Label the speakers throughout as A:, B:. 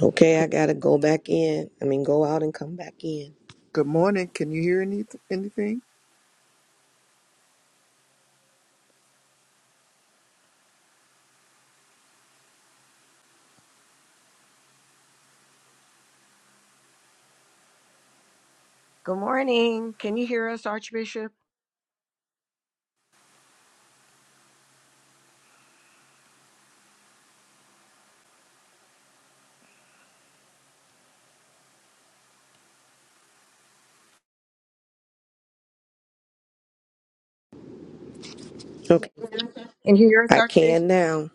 A: Okay, I gotta go back in. I mean, go out and come back in.
B: Good morning. Can you hear any, anything?
C: Good morning. Can you hear us, Archbishop?
A: Okay,
C: Can you hear us,
A: I can
C: Archbishop?
A: now.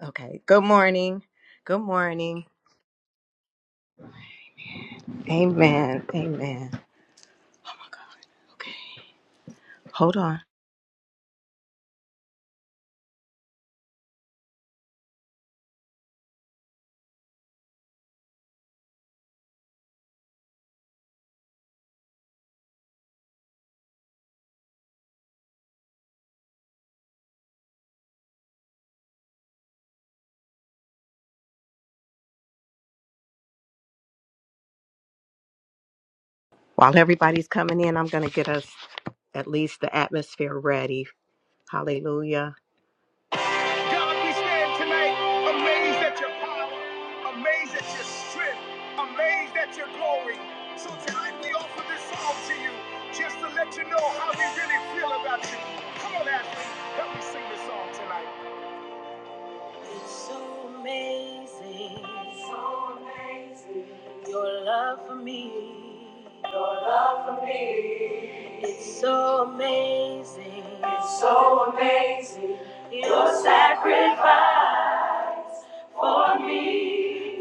C: Okay. Good morning. Good morning. Amen. Amen. Okay. Hold on. While everybody's coming in, I'm going to get us at least the atmosphere ready. Hallelujah. God, we stand tonight amazed at your power, amazed at your strength, amazed at your glory. So tonight we offer this song to you just to let you know how we really feel about you. Come on, Ashley, help me sing this song tonight. It's so amazing, your love for me. It's so amazing. It's so amazing. Your sacrifice.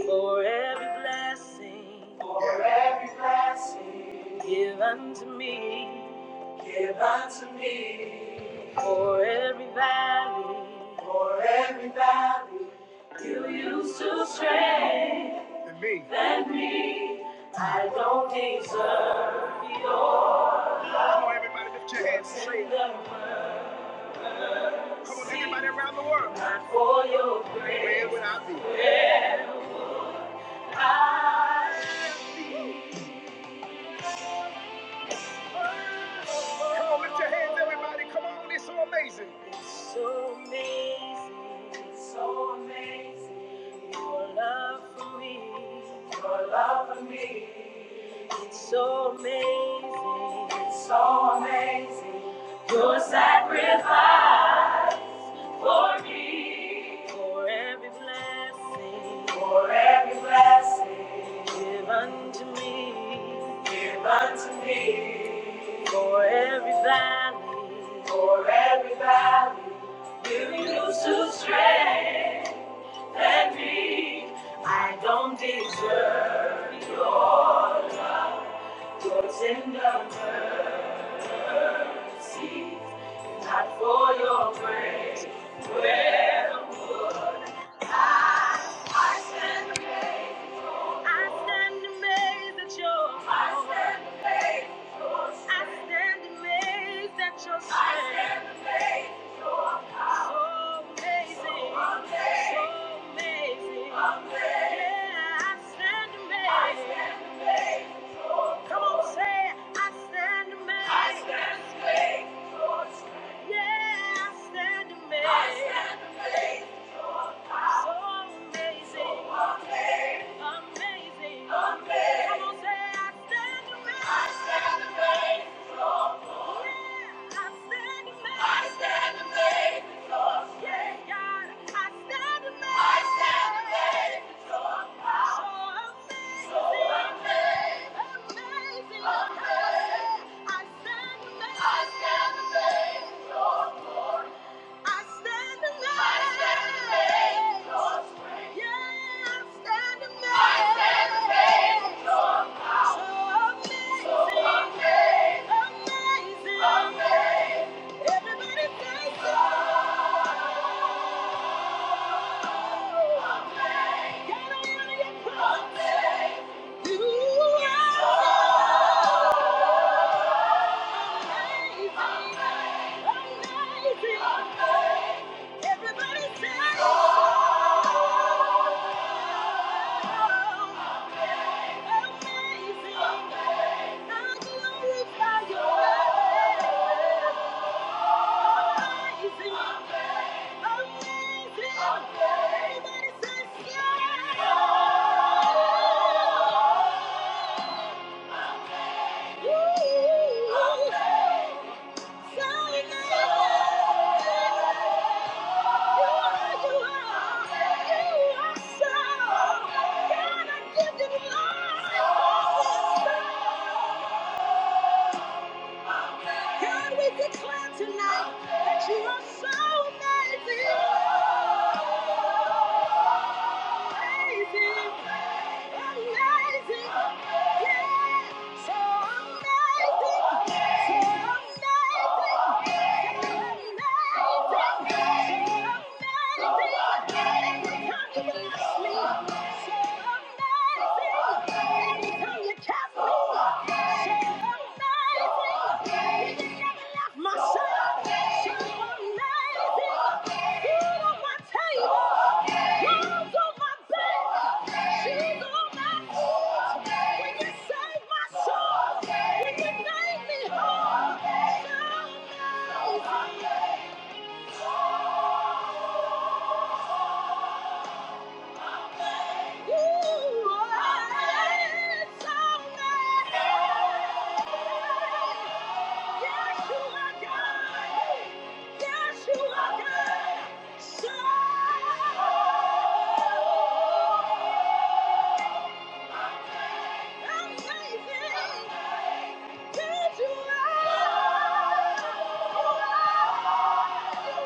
C: For every blessing, for every blessing, give unto me, give unto me. For every valley, for every valley, you used to strength than me. Than me, I don't deserve your. Come on, everybody, lift your hands, and come on, everybody around the world. Not for your grace, where would I be? Where I be? Come on, lift your hands, everybody. Come on, it's so amazing. It's so amazing. It's so amazing. Your love for me. Your love for me. It's so amazing. It's so amazing. Your sacrifice for me. For every blessing. For give unto me. Give unto me. For every valley. For every valley. Miracles to strengthen me. I don't deserve your love, your tender mercy. Not for your grace, where would I? I stand, I stand amazed at your, I stand amazed at your strength. Yeah, God, I stand amazed. I stand amazed. Amazing. Everybody say so. Amazing. Amazing! I glorify your name. Thank you. God, we declare tonight that you are so amazing. Amazing. Amazing. Yeah. So amazing. So amazing. So amazing. So amazing. Every time you bless me. So amazing. Thank you. Amazing, good you are. Amazing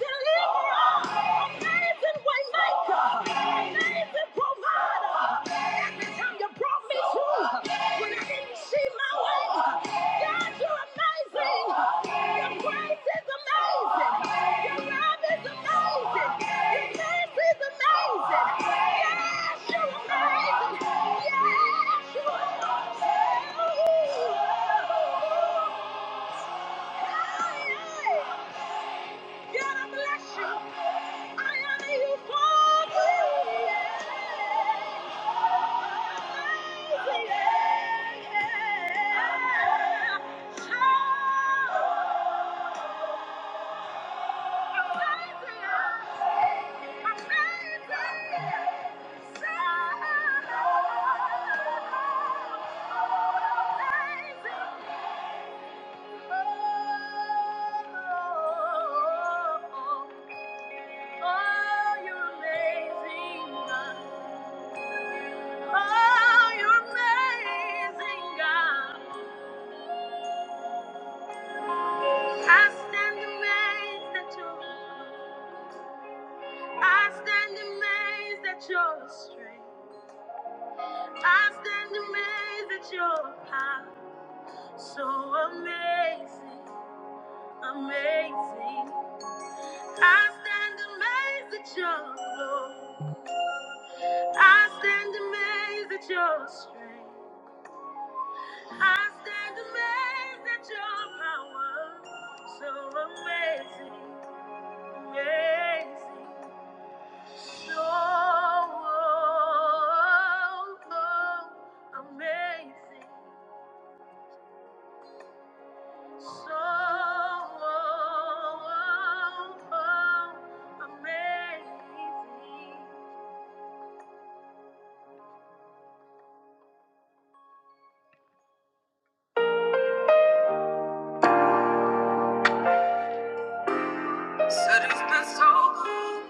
C: deliverer, amazing waymaker, amazing provider. Father, every time you brought me through, when I didn't see my way, God, you're amazing. Your grace is amazing. Your love is amazing. Your mercy is amazing. Yes, you're amazing. Yes, you're amazing. Hey, hey. God, I bless you. I honor you, Father. Amazing. Amazing. Amazing. Amazing. I stand amazed at your I stand amazed at your strength. I stand amazed at your power. So amazing, amazing. I stand amazed at your glory. I stand amazed at your strength. I stand amazed at your power. So amazing, amazing, so amazing, so amazing. Said it's been so good.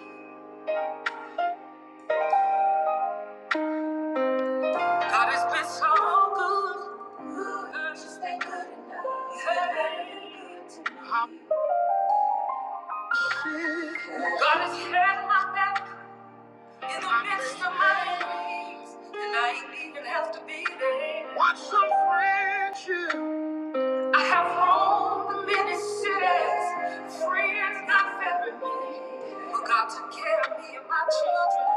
C: God has been so good. Ooh, just ain't good enough. I'm God has had my back in the midst of my enemies, and I ain't even have to be there. What's a friendship? I have roamed many cities, friends not very many, but God took care of me and my children.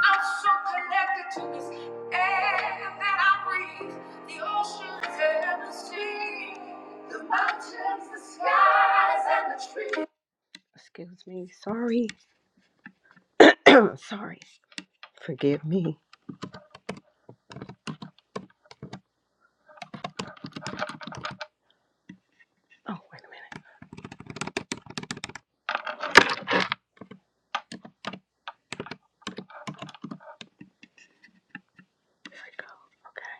C: I'm so connected to this air that I breathe, the oceans and the sea, the mountains, the skies, and the trees. Excuse me, sorry, sorry, forgive me. Oh, wait a minute, there we go, Okay.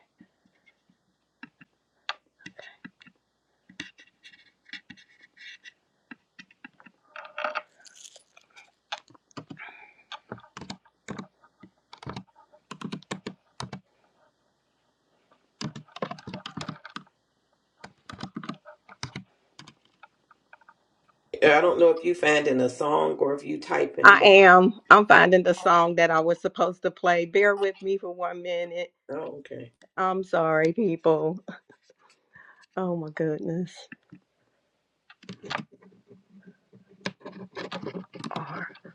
A: I don't know if you finding a song or if you typing,
C: I
A: but
C: am. I'm finding the song that I was supposed to play. Bear with me for one minute.
A: oh, okay.
C: I'm sorry, people. Oh my goodness.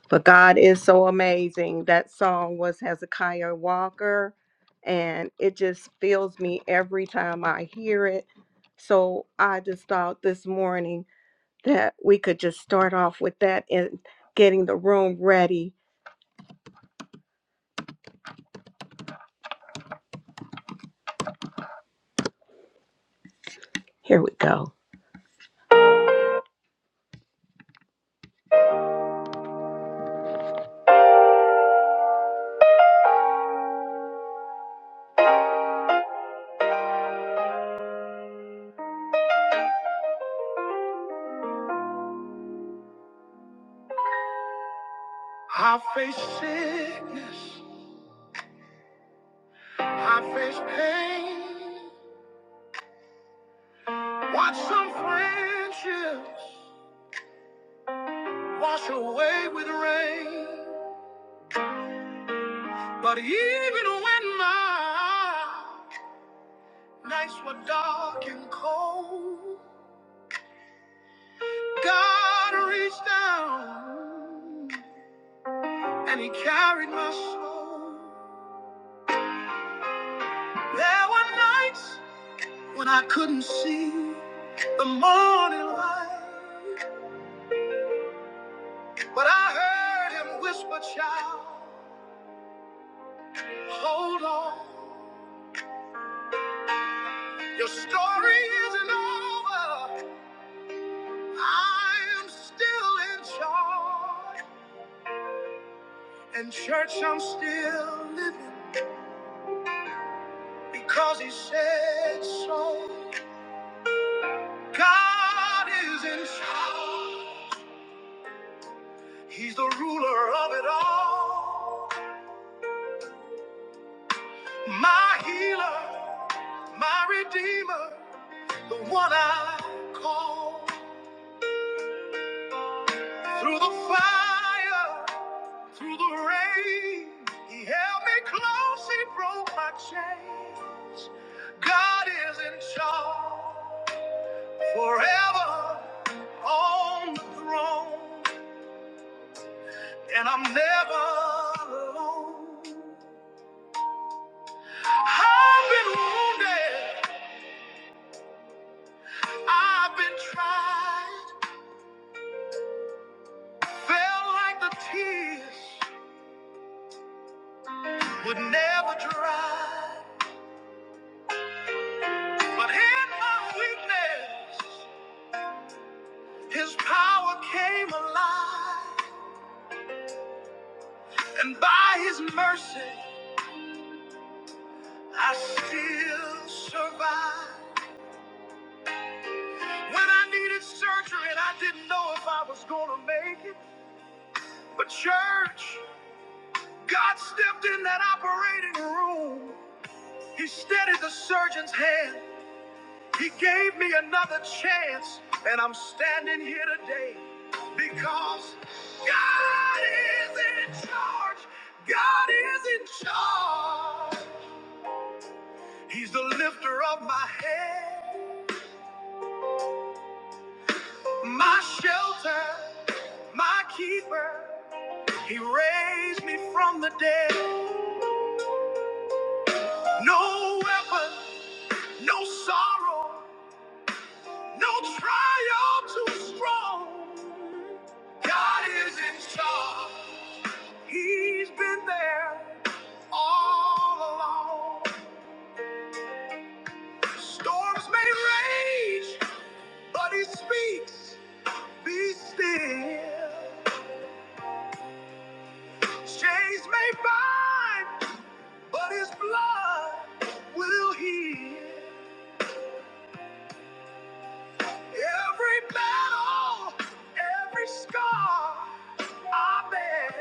C: But God is so amazing. That song was Hezekiah Walker, and it just fills me every time I hear it. So I just thought this morning that we could just start off with that and getting the room ready. Here we go. I face sickness. I face pain. Watch some friendships wash away with rain. But even when my nights were dark and cold, God reached down and He carried my soul. There were nights when I couldn't see the morning light, but I heard Him whisper, "Child." Hold on, your story isn't over. I am still in charge. And church, I'm still living because he said so. God is in charge. He's the ruler of it all. My healer, my redeemer, the one I call through the fire. Through the rain, he held me close, he broke my chains. God is in charge forever on the throne, and I'm never alone. I've been wounded, I've been tried, felt like the tears would never dry. But in my weakness, his power came alive. And by his mercy, I still survive. When I needed surgery and I didn't know if I was going to make it. But, church, God stepped in that operating room. He steadied the surgeon's hand. He gave me another chance. And I'm standing here today because God is in charge. God is in charge. He's the lifter of my head. My shelter, my keeper, he raised me from the dead. No weapon, no sorrow, no trial too strong. God is in charge, he's been there all along. Storms may rage, but he speaks, be still. Chains may bind. But his blood will heal every battle, every scar I bear.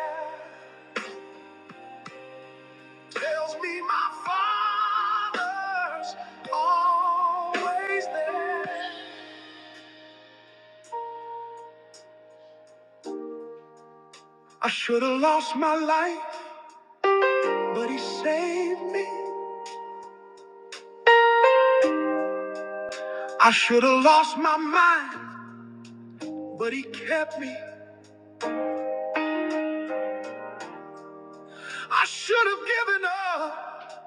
C: Tells me my father's always there. I should have lost my life, but he saved me. I should have lost my mind, but he kept me. I should have given up,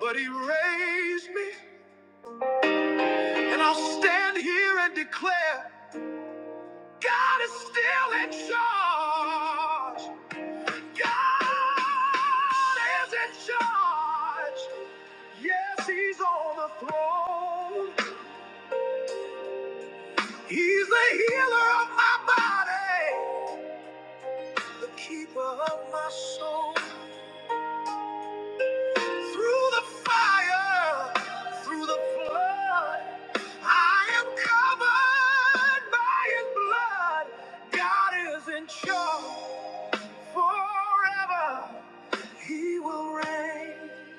C: but he raised me. And I'll stand here and declare God is still in charge. God is in charge. Yes, He's on the throne. He's the healer of my body, the keeper of my soul. Through the fire, through the flood, I am covered by His blood. God is in charge forever. He will reign.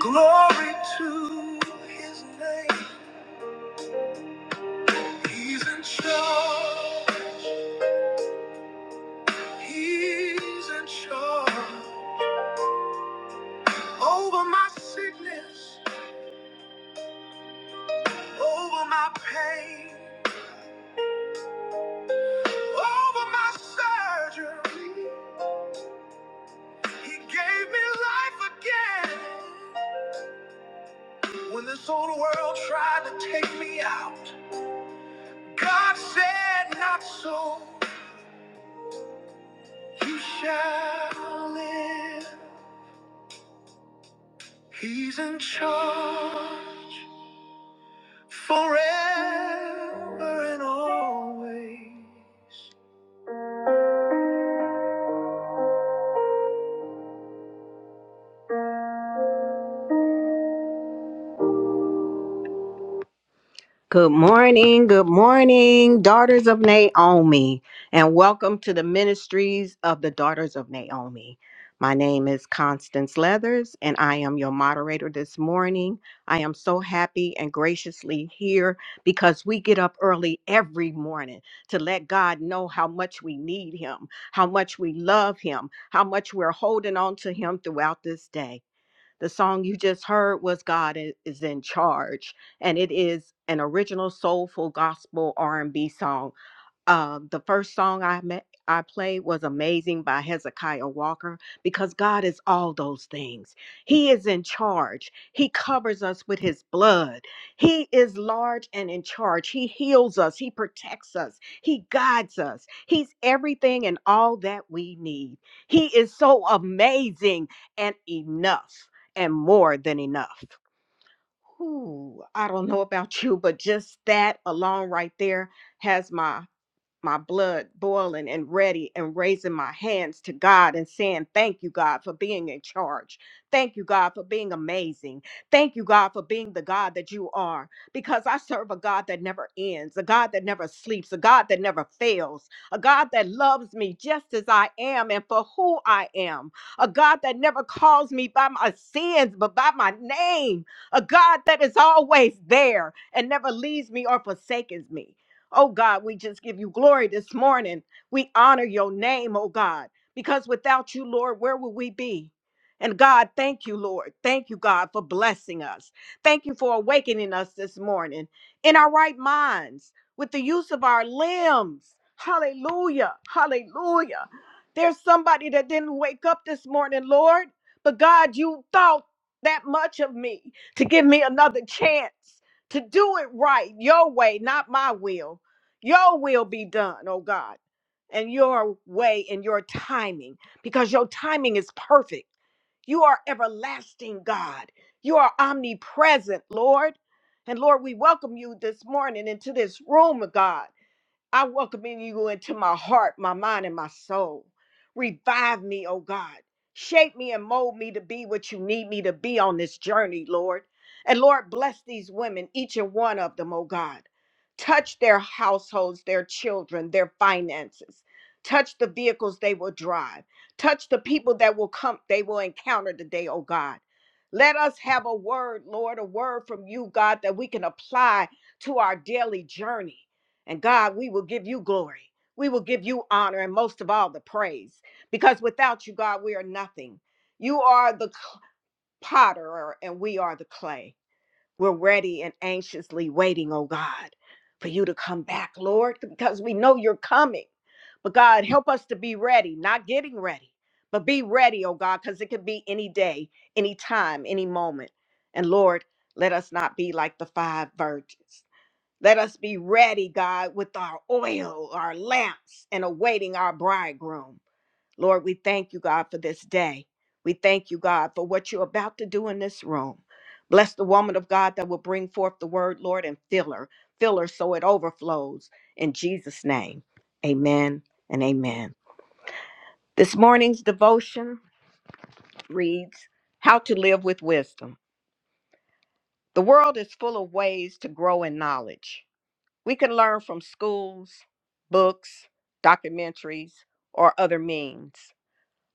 C: Glory to His name. He's in charge. He's in charge over my sickness, over my pain. Over my surgery, he gave me life again. When this old world tried to take me out, God said, Not so, you shall live. He's in charge forever and always. Good morning, good morning, daughters of Naomi, and welcome to the ministries of the daughters of Naomi. My name is Constance Leathers, and I am your moderator this morning. I am so happy and graciously here because we get up early every morning to let God know how much we need Him, how much we love Him, how much we're holding on to Him throughout this day. The song you just heard was God I- is in charge, and it is an original soulful gospel R&B song uh, the first song I met, I played was Amazing by Hezekiah Walker because God is all those things. He is in charge. He covers us with his blood. He is large and in charge. He heals us. He protects us. He guides us. He's everything and all that we need. He is so amazing and enough and more than enough. Ooh, I don't know about you, but just that alone right there has my my blood boiling and ready and raising my hands to God and saying, Thank you, God, for being in charge. Thank you, God, for being amazing. Thank you, God, for being the God that you are. Because I serve a God that never ends, a God that never sleeps, a God that never fails, a God that loves me just as I am and for who I am, a God that never calls me by my sins, but by my name, a God that is always there and never leaves me or forsakes me. Oh God, we just give you glory this morning. We honor your name, oh God, because without you, Lord, where would we be? And God, thank you, Lord. Thank you, God, for blessing us. Thank you for awakening us this morning in our right minds with the use of our limbs. Hallelujah. Hallelujah. There's somebody that didn't wake up this morning, Lord, but God, you thought that much of me to give me another chance to do it right, your way, not my will. Your will be done, oh God, and your way and your timing, because your timing is perfect. You are everlasting God. You are omnipresent, Lord. And Lord, we welcome you this morning into this room, oh God. I welcome you into my heart, my mind, and my soul. Revive me, oh God. Shape me and mold me to be what you need me to be on this journey, Lord. And Lord, bless these women, each and one of them, oh God. Touch their households, their children, their finances. Touch the vehicles they will drive. Touch the people that will come, they will encounter today, oh God. Let us have a word, Lord, a word from you, God, that we can apply to our daily journey. And God, we will give you glory. We will give you honor and most of all the praise because without you, God, we are nothing. You are the c- potter and we are the clay. We're ready and anxiously waiting, oh God, for you to come back, Lord, because we know you're coming. But God, help us to be ready, not getting ready, but be ready, oh God, because it could be any day, any time, any moment. And Lord, let us not be like the five virgins. Let us be ready, God, with our oil, our lamps, and awaiting our bridegroom. Lord, we thank you, God, for this day. We thank you, God, for what you're about to do in this room. Bless the woman of God that will bring forth the word, Lord, and fill her. Fill her so it overflows. In Jesus' name, amen and amen. This morning's devotion reads How to Live with Wisdom. The world is full of ways to grow in knowledge. We can learn from schools, books, documentaries, or other means.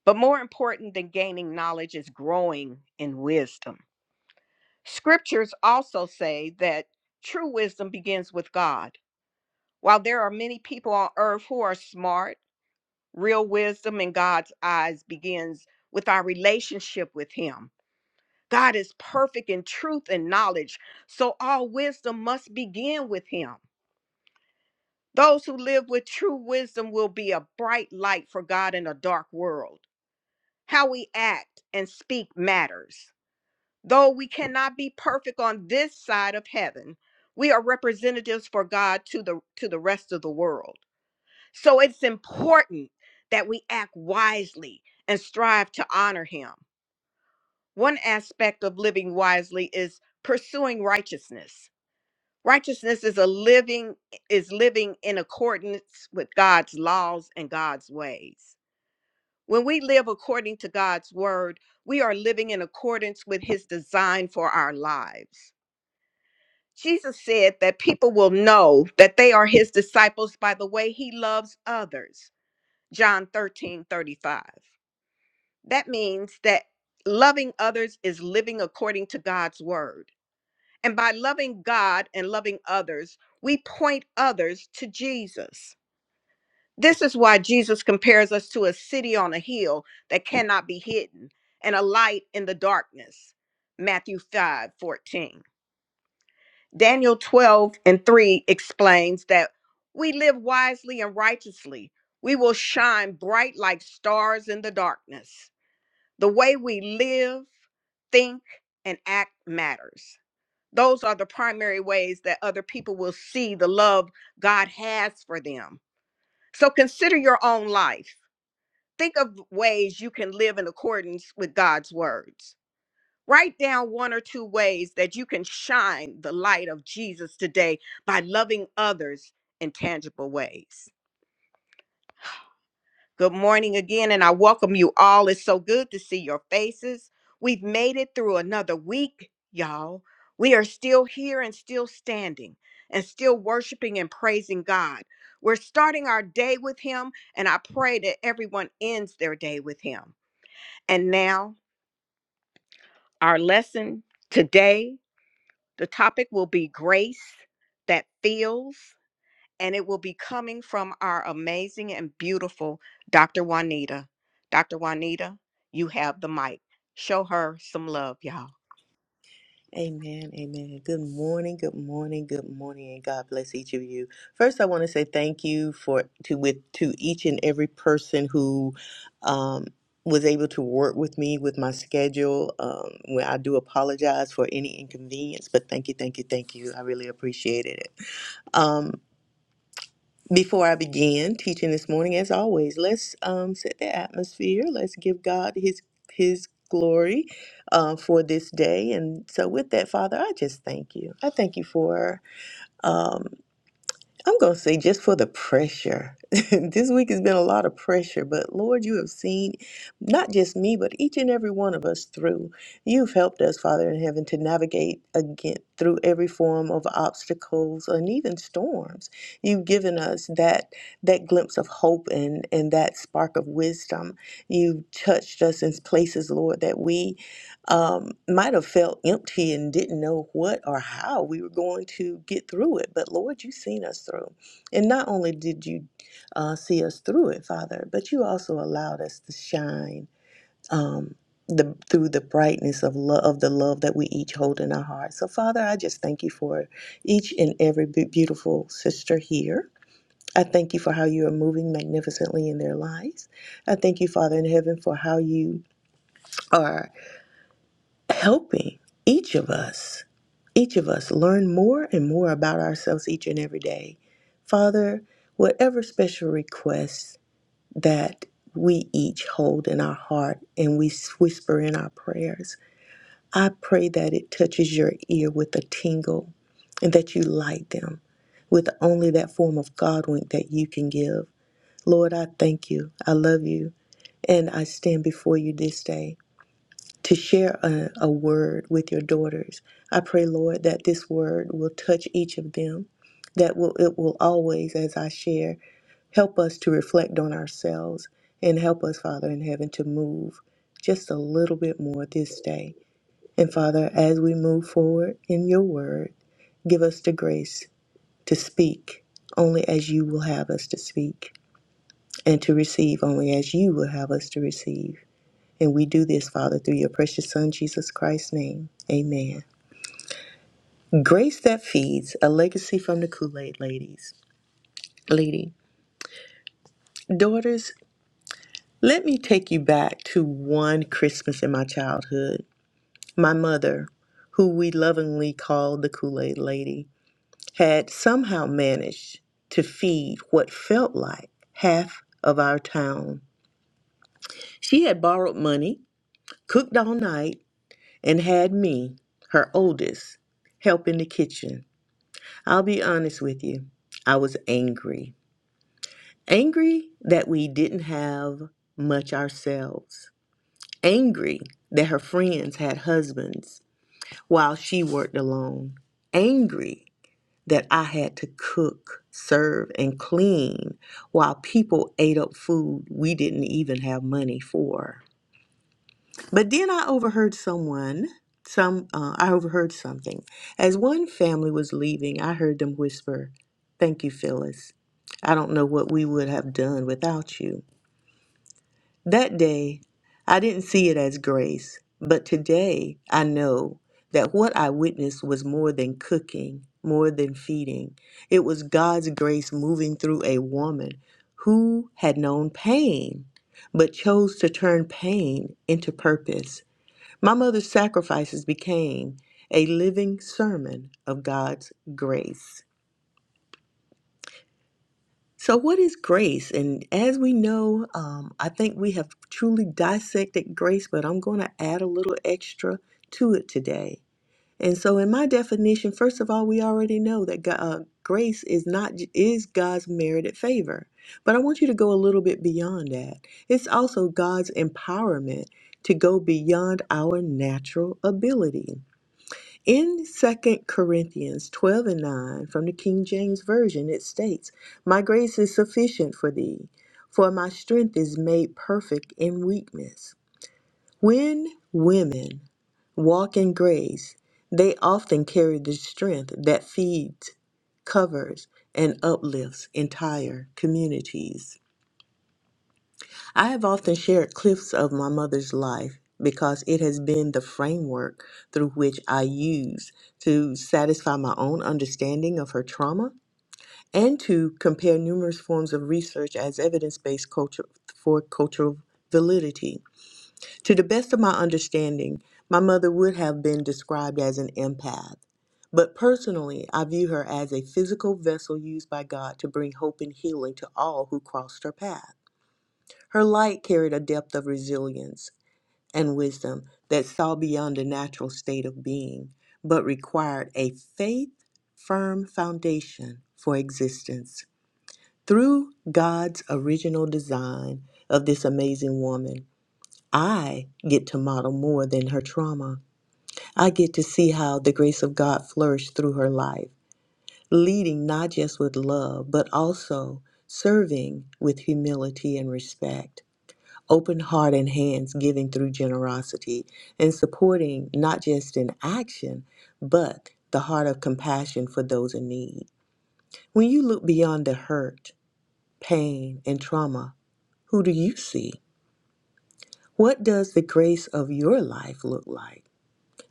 C: But more important than gaining knowledge is growing in wisdom. Scriptures also say that true wisdom begins with God. While there are many people on earth who are smart, real wisdom in God's eyes begins with our relationship with Him. God is perfect in truth and knowledge, so all wisdom must begin with Him. Those who live with true wisdom will be a bright light for God in a dark world. How we act and speak matters. Though we cannot be perfect on this side of heaven, we are representatives for God to the to the rest of the world. So it's important that we act wisely and strive to honor him. One aspect of living wisely is pursuing righteousness. Righteousness is a living is living in accordance with God's laws and God's ways. When we live according to God's word, we are living in accordance with his design for our lives. Jesus said that people will know that they are his disciples by the way he loves others. John 13 35. That means that loving others is living according to God's word. And by loving God and loving others, we point others to Jesus. This is why Jesus compares us to a city on a hill that cannot be hidden and a light in the darkness. Matthew 5 14, Daniel 12 and 3 explains that we live wisely and righteously. We will shine bright like stars in the darkness. The way we live, think, and act matters. Those are the primary ways that other people will see the love God has for them. So consider your own life. Think of ways you can live in accordance with God's words. Write down one or two ways that you can shine the light of Jesus today by loving others in tangible ways. Good morning again, and I welcome you all. It's so good to see your faces. We've made it through another week, y'all. We are still here and still standing and still worshiping and praising God. We're starting our day with Him, and I pray that everyone ends their day with Him. And now, our lesson today the topic will be grace that feels and it will be coming from our amazing and beautiful Dr. Juanita. Dr. Juanita, you have the mic. Show her some love, y'all.
D: Amen, amen. Good morning, good morning, good morning, and God bless each of you. First, I want to say thank you for to with to each and every person who um, was able to work with me with my schedule. Um, where I do apologize for any inconvenience, but thank you, thank you, thank you. I really appreciated it. Um, before I begin teaching this morning, as always, let's um, set the atmosphere. Let's give God His His glory uh, for this day. And so, with that, Father, I just thank you. I thank you for um. I'm going to say just for the pressure. this week has been a lot of pressure, but Lord, you have seen not just me, but each and every one of us through. You've helped us, Father in heaven, to navigate again through every form of obstacles and even storms. You've given us that that glimpse of hope and and that spark of wisdom. You've touched us in places, Lord, that we um, might have felt empty and didn't know what or how we were going to get through it. But Lord, you seen us through. And not only did you uh, see us through it, Father, but you also allowed us to shine um, the, through the brightness of, lo- of the love that we each hold in our hearts. So, Father, I just thank you for each and every be- beautiful sister here. I thank you for how you are moving magnificently in their lives. I thank you, Father in heaven, for how you are helping each of us, each of us learn more and more about ourselves each and every day. Father, whatever special requests that we each hold in our heart and we whisper in our prayers, I pray that it touches your ear with a tingle and that you light them with only that form of God wink that you can give. Lord, I thank you. I love you. And I stand before you this day to share a, a word with your daughters. I pray, Lord, that this word will touch each of them, that will, it will always, as I share, help us to reflect on ourselves and help us, Father in heaven, to move just a little bit more this day. And Father, as we move forward in your word, give us the grace to speak only as you will have us to speak and to receive only as you will have us to receive. And we do this, Father, through your precious Son, Jesus Christ's name. Amen. Grace that feeds, a legacy from the Kool Aid ladies. Lady, daughters, let me take you back to one Christmas in my childhood. My mother, who we lovingly called the Kool Aid lady, had somehow managed to feed what felt like half of our town. She had borrowed money, cooked all night, and had me, her oldest, help in the kitchen. I'll be honest with you. I was angry. Angry that we didn't have much ourselves. Angry that her friends had husbands while she worked alone. Angry that I had to cook, serve, and clean while people ate up food we didn't even have money for. But then I overheard someone, some uh, I overheard something. As one family was leaving, I heard them whisper, "Thank you, Phyllis. I don't know what we would have done without you." That day, I didn't see it as grace, but today I know that what I witnessed was more than cooking, more than feeding. It was God's grace moving through a woman who had known pain but chose to turn pain into purpose. My mother's sacrifices became a living sermon of God's grace. So, what is grace? And as we know, um, I think we have truly dissected grace, but I'm going to add a little extra to it today. And so, in my definition, first of all, we already know that God, uh, grace is not is God's merited favor, but I want you to go a little bit beyond that. It's also God's empowerment to go beyond our natural ability. In Second Corinthians 12 and 9 from the King James Version, it states, My grace is sufficient for thee, for my strength is made perfect in weakness. When women walk in grace, they often carry the strength that feeds, covers, and uplifts entire communities. I have often shared clips of my mother's life because it has been the framework through which I use to satisfy my own understanding of her trauma and to compare numerous forms of research as evidence based culture for cultural validity. To the best of my understanding, my mother would have been described as an empath. But personally, I view her as a physical vessel used by God to bring hope and healing to all who crossed her path. Her light carried a depth of resilience and wisdom that saw beyond the natural state of being, but required a faith firm foundation for existence. Through God's original design of this amazing woman, I get to model more than her trauma. I get to see how the grace of God flourished through her life, leading not just with love, but also serving with humility and respect open heart and hands giving through generosity and supporting not just in action but the heart of compassion for those in need when you look beyond the hurt pain and trauma who do you see what does the grace of your life look like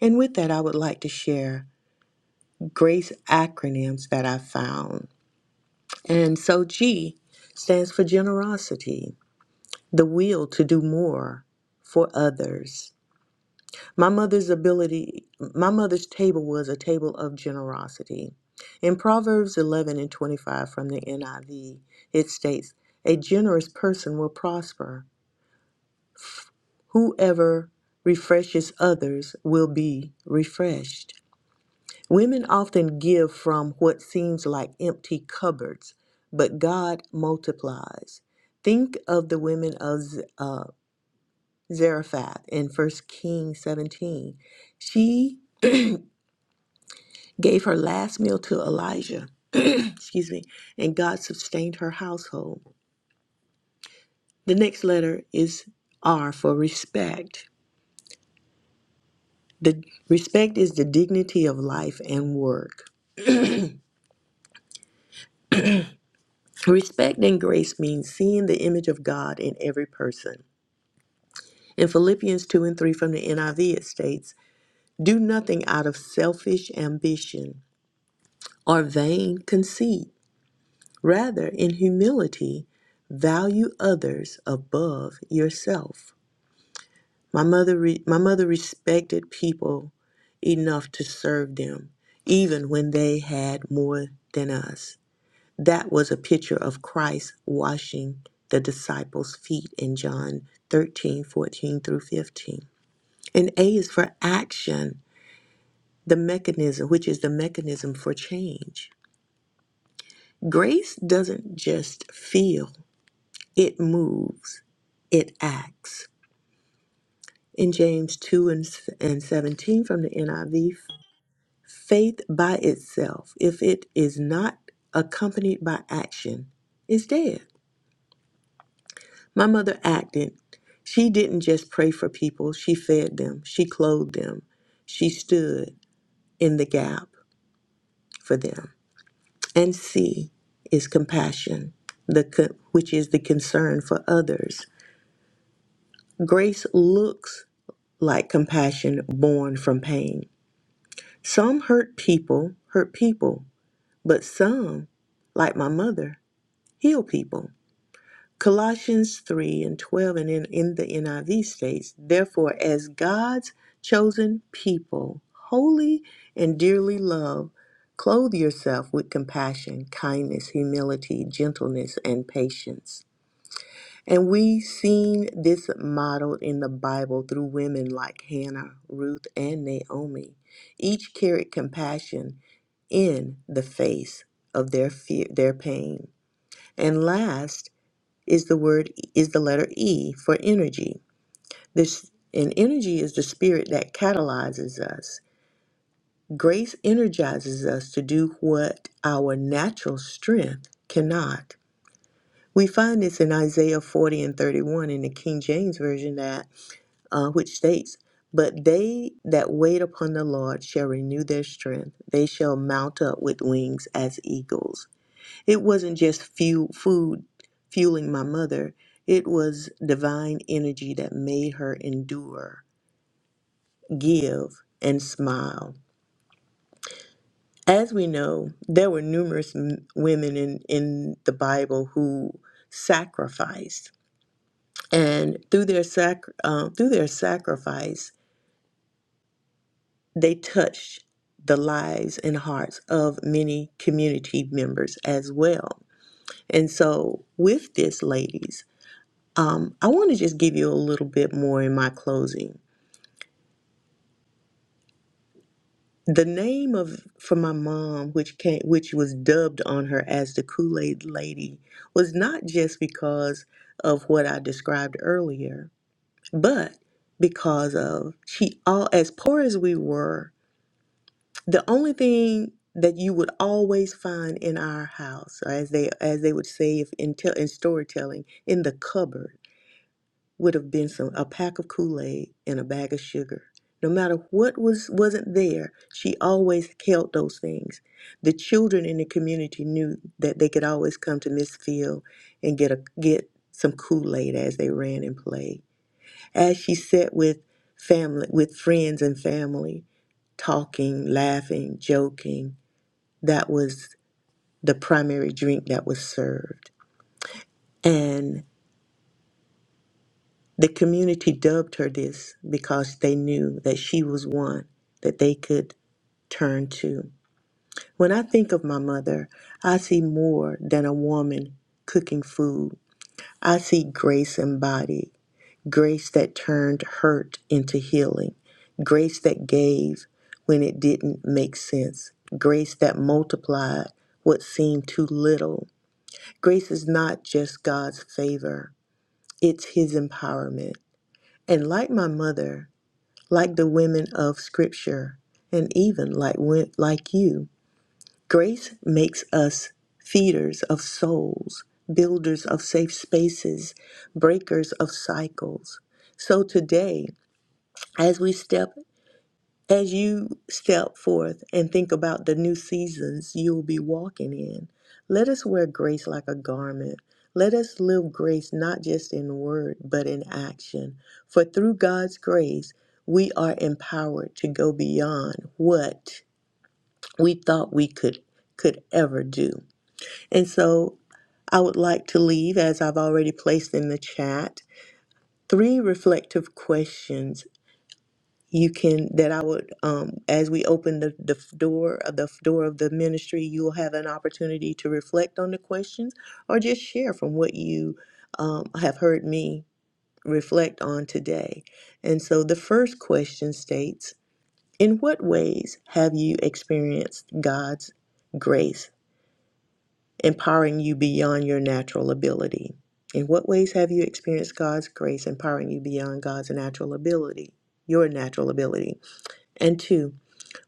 D: and with that i would like to share grace acronyms that i found and so g stands for generosity the will to do more for others My mother's ability, my mother's table was a table of generosity. In Proverbs 11 and 25 from the NIV, it states, A generous person will prosper. Whoever refreshes others will be refreshed. Women often give from what seems like empty cupboards, but God multiplies. Think of the women of Z- uh, Zarephath in First Kings 17. She gave her last meal to Elijah, excuse me, and God sustained her household. The next letter is R for respect. The respect is the dignity of life and work. Respect and grace means seeing the image of God in every person. In Philippians 2 and 3 from the NIV, it states, Do nothing out of selfish ambition or vain conceit. Rather, in humility, value others above yourself. My mother, re- my mother respected people enough to serve them, even when they had more than us. That was a picture of Christ washing the disciples' feet in John 13, 14 through 15. And A is for action, the mechanism, which is the mechanism for change. Grace doesn't just feel, it moves, it acts. In James 2 and, and 17 from the NIV, Faith by itself, if it is not accompanied by action, is dead. My mother acted. She didn't just pray for people, she fed them, she clothed them, she stood in the gap for them. And C is compassion, the co- which is the concern for others. Grace looks like compassion born from pain. Some hurt people, hurt people, but some, like my mother, heal people. Colossians 3 and 12, and in, in the NIV states, Therefore, as God's chosen people, holy and dearly loved, clothe yourself with compassion, kindness, humility, gentleness, and patience. And we've seen this modeled in the Bible through women like Hannah, Ruth, and Naomi. Each carried compassion in the face of their fear, their pain. And last, is the word is the letter E for energy. This and energy is the spirit that catalyzes us. Grace energizes us to do what our natural strength cannot. We find this in Isaiah 40 and 31 in the King James version that uh, which states, "But they that wait upon the Lord shall renew their strength; they shall mount up with wings as eagles." It wasn't just fuel, food fueling my mother, it was divine energy that made her endure, give, and smile. As we know, there were numerous m- women in, in the Bible who sacrificed, and through their, sac- uh, through their sacrifice, they touched the lives and hearts of many community members as well. And so, with this, ladies, Um, I want to just give you a little bit more in my closing. The name of for my mom, which came, which was dubbed on her as the Kool Aid Lady, was not just because of what I described earlier, but because of she all as poor as we were, the only thing that you would always find in our house, or as they as they would say if in, tell in storytelling, in the cupboard would have been some a pack of Kool-Aid and a bag of sugar. No matter what was wasn't there, she always held those things. The children in the community knew that they could always come to Miss Field and get a get some Kool-Aid as they ran and played. As she sat with family with friends and family, talking, laughing, joking, that was the primary drink that was served. And The community dubbed her this because they knew that she was one that they could turn to. When I think of my mother, I see more than a woman cooking food. I see grace embodied, grace that turned hurt into healing, grace that gave when it didn't make sense, grace that multiplied what seemed too little. Grace is not just God's favor, it's His empowerment. And like my mother, like the women of Scripture, and even like wen- like you. Grace makes us feeders of souls, builders of safe spaces, breakers of cycles. So today, as we step as you step forth and think about the new seasons you'll be walking in, let us wear grace like a garment. Let us live grace not just in word, but in action. For through God's grace, we are empowered to go beyond what we thought we could could ever do. And so I would like to leave, as I've already placed in the chat, three reflective questions you can that i would um as we open the, the f- door of the f- door of the ministry you'll have an opportunity to reflect on the questions or just share from what you um, have heard me reflect on today and so the first question states in what ways have you experienced god's grace empowering you beyond your natural ability in what ways have you experienced god's grace empowering you beyond god's natural ability your natural ability and two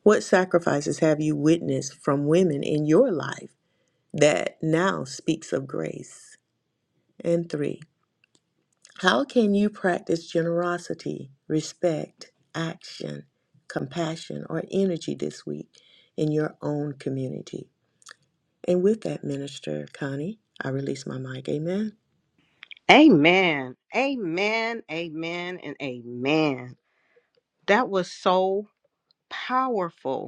D: what sacrifices have you witnessed from women in your life that now speaks of grace? And three, how can you practice generosity, respect, action, compassion, or energy this week in your own community? And with that, Minister Connie, I release my mic. Amen.
C: Amen. Amen. Amen. And amen. That was so powerful.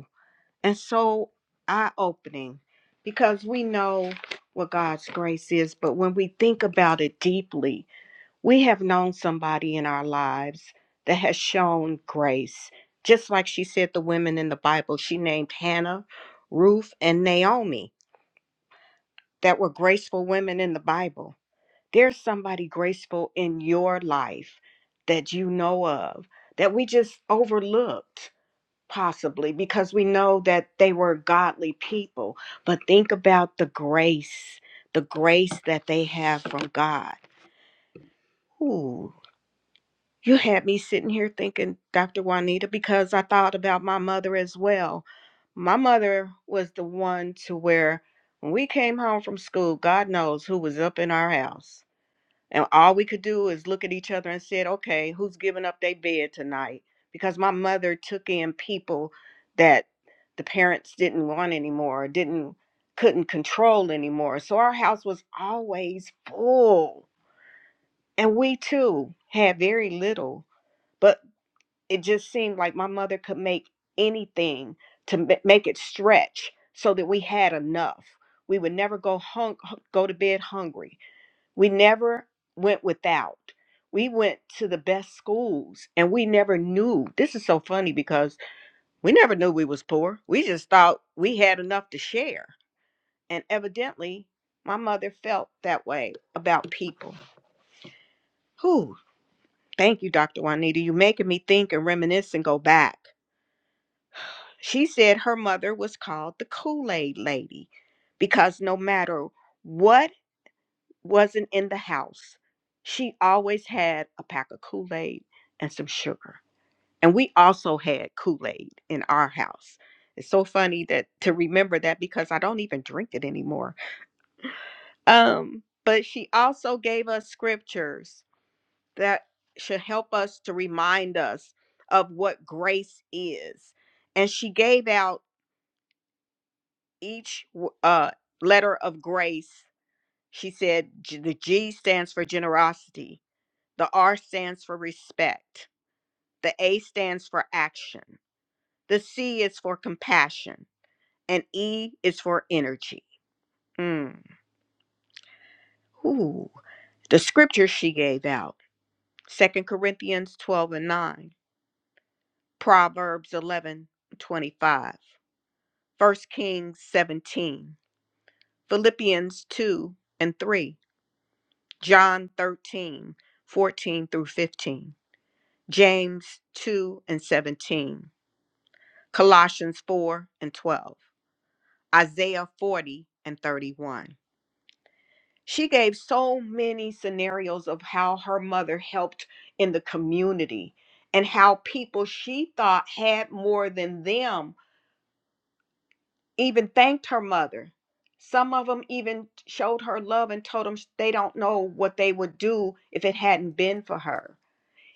C: and so eye opening because we know what God's grace is, but when we think about it deeply, we have known somebody in our lives that has shown grace. Just like she said, the women in the Bible, she named Hannah, Ruth, and Naomi that were graceful women in the Bible. There's somebody graceful in your life that you know of that we just overlooked possibly because we know that they were godly people but think about the grace the grace that they have from god Ooh, you had me sitting here thinking dr juanita because i thought about my mother as well my mother was the one to where when we came home from school god knows who was up in our house and all we could do is look at each other and said, okay, who's giving up their bed tonight? Because my mother took in people that the parents didn't want anymore, didn't couldn't control anymore. So our house was always full. And we too had very little, but it just seemed like my mother could make anything to ma- make it stretch so that we had enough. We would never go hung go to bed hungry we never went without. We went to the best schools and we never knew. This is so funny because we never knew we was poor. We just thought we had enough to share. And evidently, my mother felt that way about people. Whew. Thank you, Dr. Juanita. you making me think and reminisce and go back. She said her mother was called the Kool Aid Lady because no matter what wasn't in the house, she always had a pack of Kool Aid and some sugar. And we also had Kool Aid in our house. It's so funny that to remember that because I don't even drink it anymore. Um, but she also gave us scriptures that should help us to remind us of what grace is. And she gave out each uh, letter of grace. She said G- the G stands for generosity, The R stands for respect. The A stands for action. The C is for compassion. And E is for energy. Mm. Ooh. The scripture she gave out Second Corinthians 12 and 9, Proverbs 11 25, First Kings 17, Philippians 2 and 3, John 13 14 through 15, James 2 and 17, Colossians 4 and 12. Isaiah 40 and 31. She gave so many scenarios of how her mother helped in the community and how people she thought had more than them even thanked her mother. Some of them even showed her love and told them they don't know what they would do if it hadn't been for her.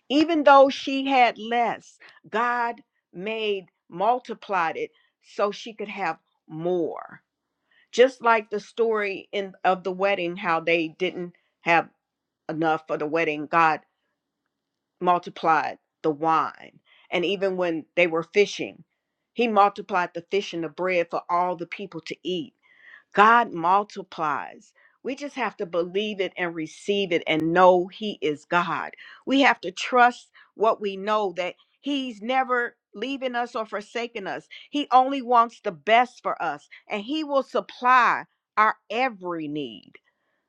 C: Even though she had less, God made multiplied it so she could have more. Just like the story in of the wedding, how they didn't have enough for the wedding, God multiplied the wine. And even when they were fishing, He multiplied the fish and the bread for all the people to eat God multiplies. We just have to believe it and receive it and know He is God. We have to trust what we know that He's never leaving us or forsaking us. He only wants the best for us and He will supply our every need.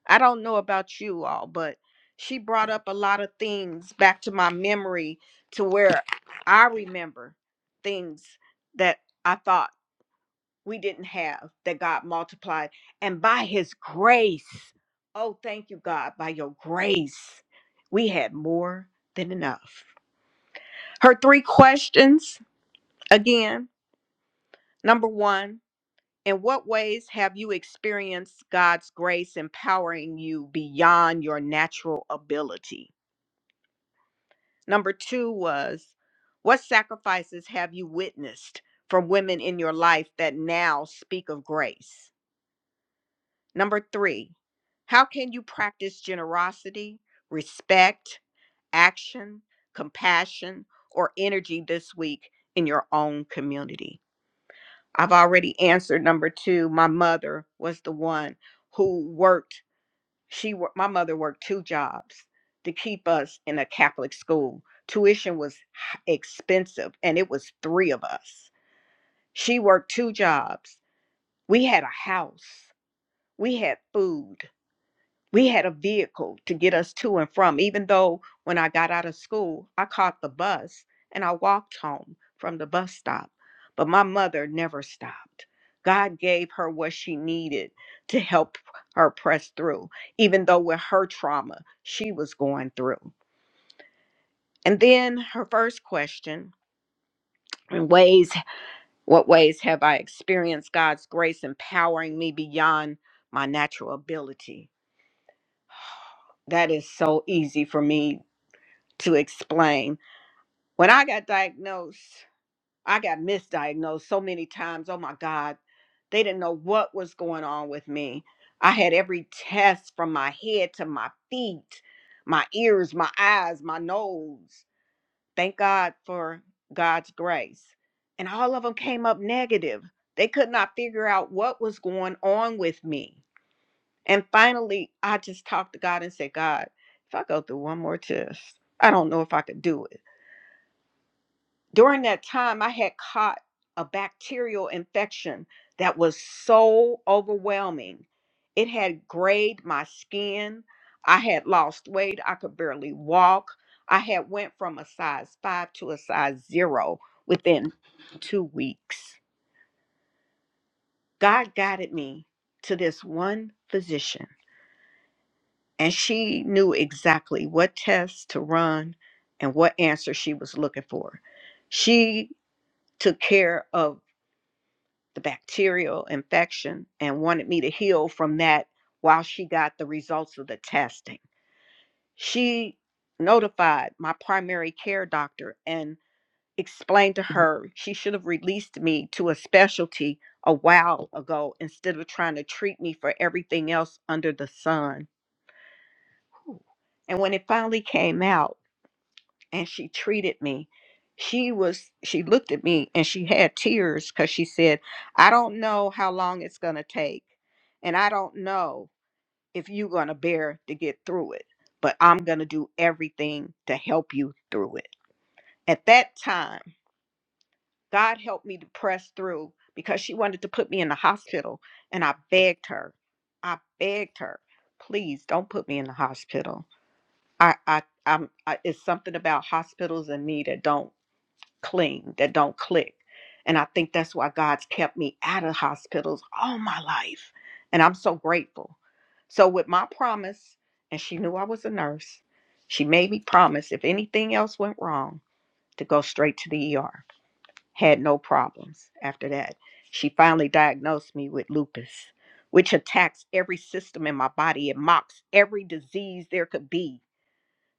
C: I don't know about you all, but she brought up a lot of things back to my memory to where I remember things that I thought we didn't have that God multiplied. And by his grace, oh, thank you, God, by your grace, we had more than enough. Her three questions again. Number one, in what ways have you experienced God's grace empowering you beyond your natural ability? Number two was, what sacrifices have you witnessed from women in your life that now speak of grace? Number three, how can you practice generosity, respect, action, compassion, or energy this week in your own community? I've already answered number two. My mother was the one who worked, she worked, my mother worked two jobs to keep us in a Catholic school. Tuition was h- expensive, and it was three of us. She worked two jobs. We had a house, we had food, we had a vehicle to get us to and from even though when i got out of school i caught the bus and i walked home from the bus stop but my mother never stopped god gave her what she needed to help her press through even though with her trauma she was going through and then her first question in ways what ways have i experienced god's grace empowering me beyond my natural ability that is so easy for me to explain. When I got diagnosed, I got misdiagnosed so many times. Oh my God, they didn't know what was going on with me. I had every test from my head to my feet, my ears, my eyes, my nose. Thank God for God's grace. And all of them came up negative. They could not figure out what was going on with me. And finally, I just talked to God and said, God, if I go through one more test, I don't know if I could do it during that time, I had caught a bacterial infection that was so overwhelming. It had grayed my skin. I had lost weight. I could barely walk. I had went from a size 5 to a size 0 within 2 weeks. God guided me to this one physician, and she knew exactly what tests to run and what answer she was looking for. She took care of the bacterial infection and wanted me to heal from that while she got the results of the testing. She notified my primary care doctor and explained to her she should have released me to a specialty a while ago instead of trying to treat me for everything else under the sun. And when it finally came out, and she treated me she was she looked at me and she had tears because she said i don't know how long it's going to take and i don't know if you're going to bear to get through it but i'm going to do everything to help you through it at that time god helped me to press through because she wanted to put me in the hospital and i begged her i begged her please don't put me in the hospital i i i'm I, it's something about hospitals and me that don't cling, that don't click. And I think that's why God's kept me out of hospitals all my life. And I'm so grateful. So, with my promise, and she knew I was a nurse, she made me promise if anything else went wrong, to go straight to the ER. Had no problems after that. She finally diagnosed me with lupus, which attacks every system in my body. It mocks every disease there could be.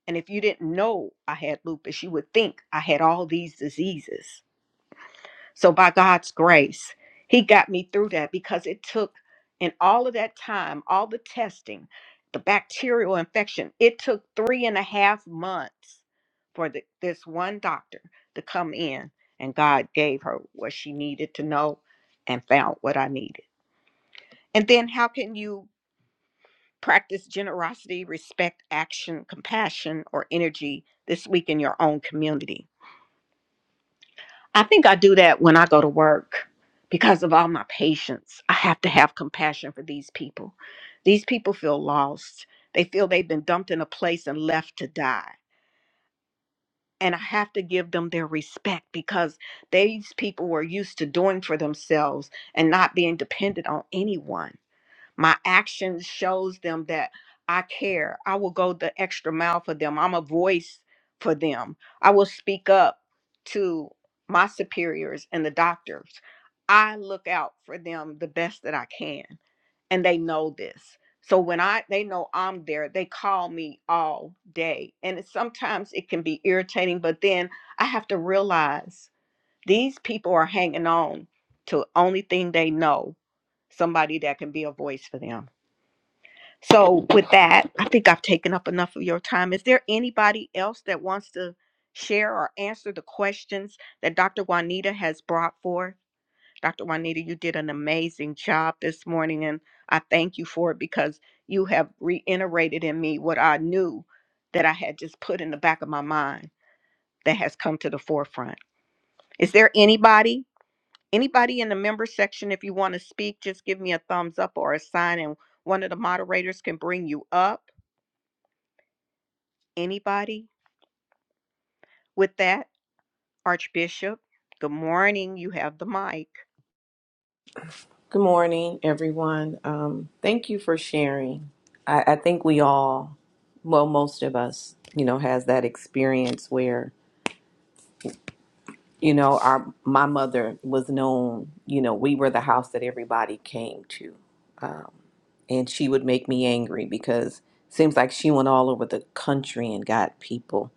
C: And if you didn't know I had lupus, you would think I had all these diseases. So by God's grace, he got me through that because it took in all of that time, all the testing, the bacterial infection, it took three and a half months for the, this one doctor to come in and God gave her what she needed to know and found what I needed. And then how can you practice generosity, respect, action, compassion, or energy this week in your own community? I think I do that when I go to work because of all my patients. I have to have compassion for these people. These people feel lost. They feel they've been dumped in a place and left to die. And I have to give them their respect because these people were used to doing for themselves and not being dependent on anyone my action shows them that i care i will go the extra mile for them i'm a voice for them i will speak up to my superiors and the doctors i look out for them the best that i can and they know this so when i they know i'm there they call me all day and it, sometimes it can be irritating but then i have to realize these people are hanging on to only thing they know somebody that can be a voice for them so, with that, I think I've taken up enough of your time. Is there anybody else that wants to share or answer the questions that Dr. Juanita has brought forth? Dr. Juanita, you did an amazing job this morning, and I thank you for it because you have reiterated in me what I knew that I had just put in the back of my mind that has come to the forefront. Is there anybody, anybody in the member section, if you want to speak, just give me a thumbs up or a sign, and one of the moderators can bring you up Anybody? With that, Archbishop, good morning. You have the mic.
A: Good morning, everyone. Um, thank you for sharing. I, I think we all, well, most of us, you know, has that experience where You know, our my mother was known. You know, we were the house that everybody came to, um, and she would make me angry because seems like she went all over the country and got people.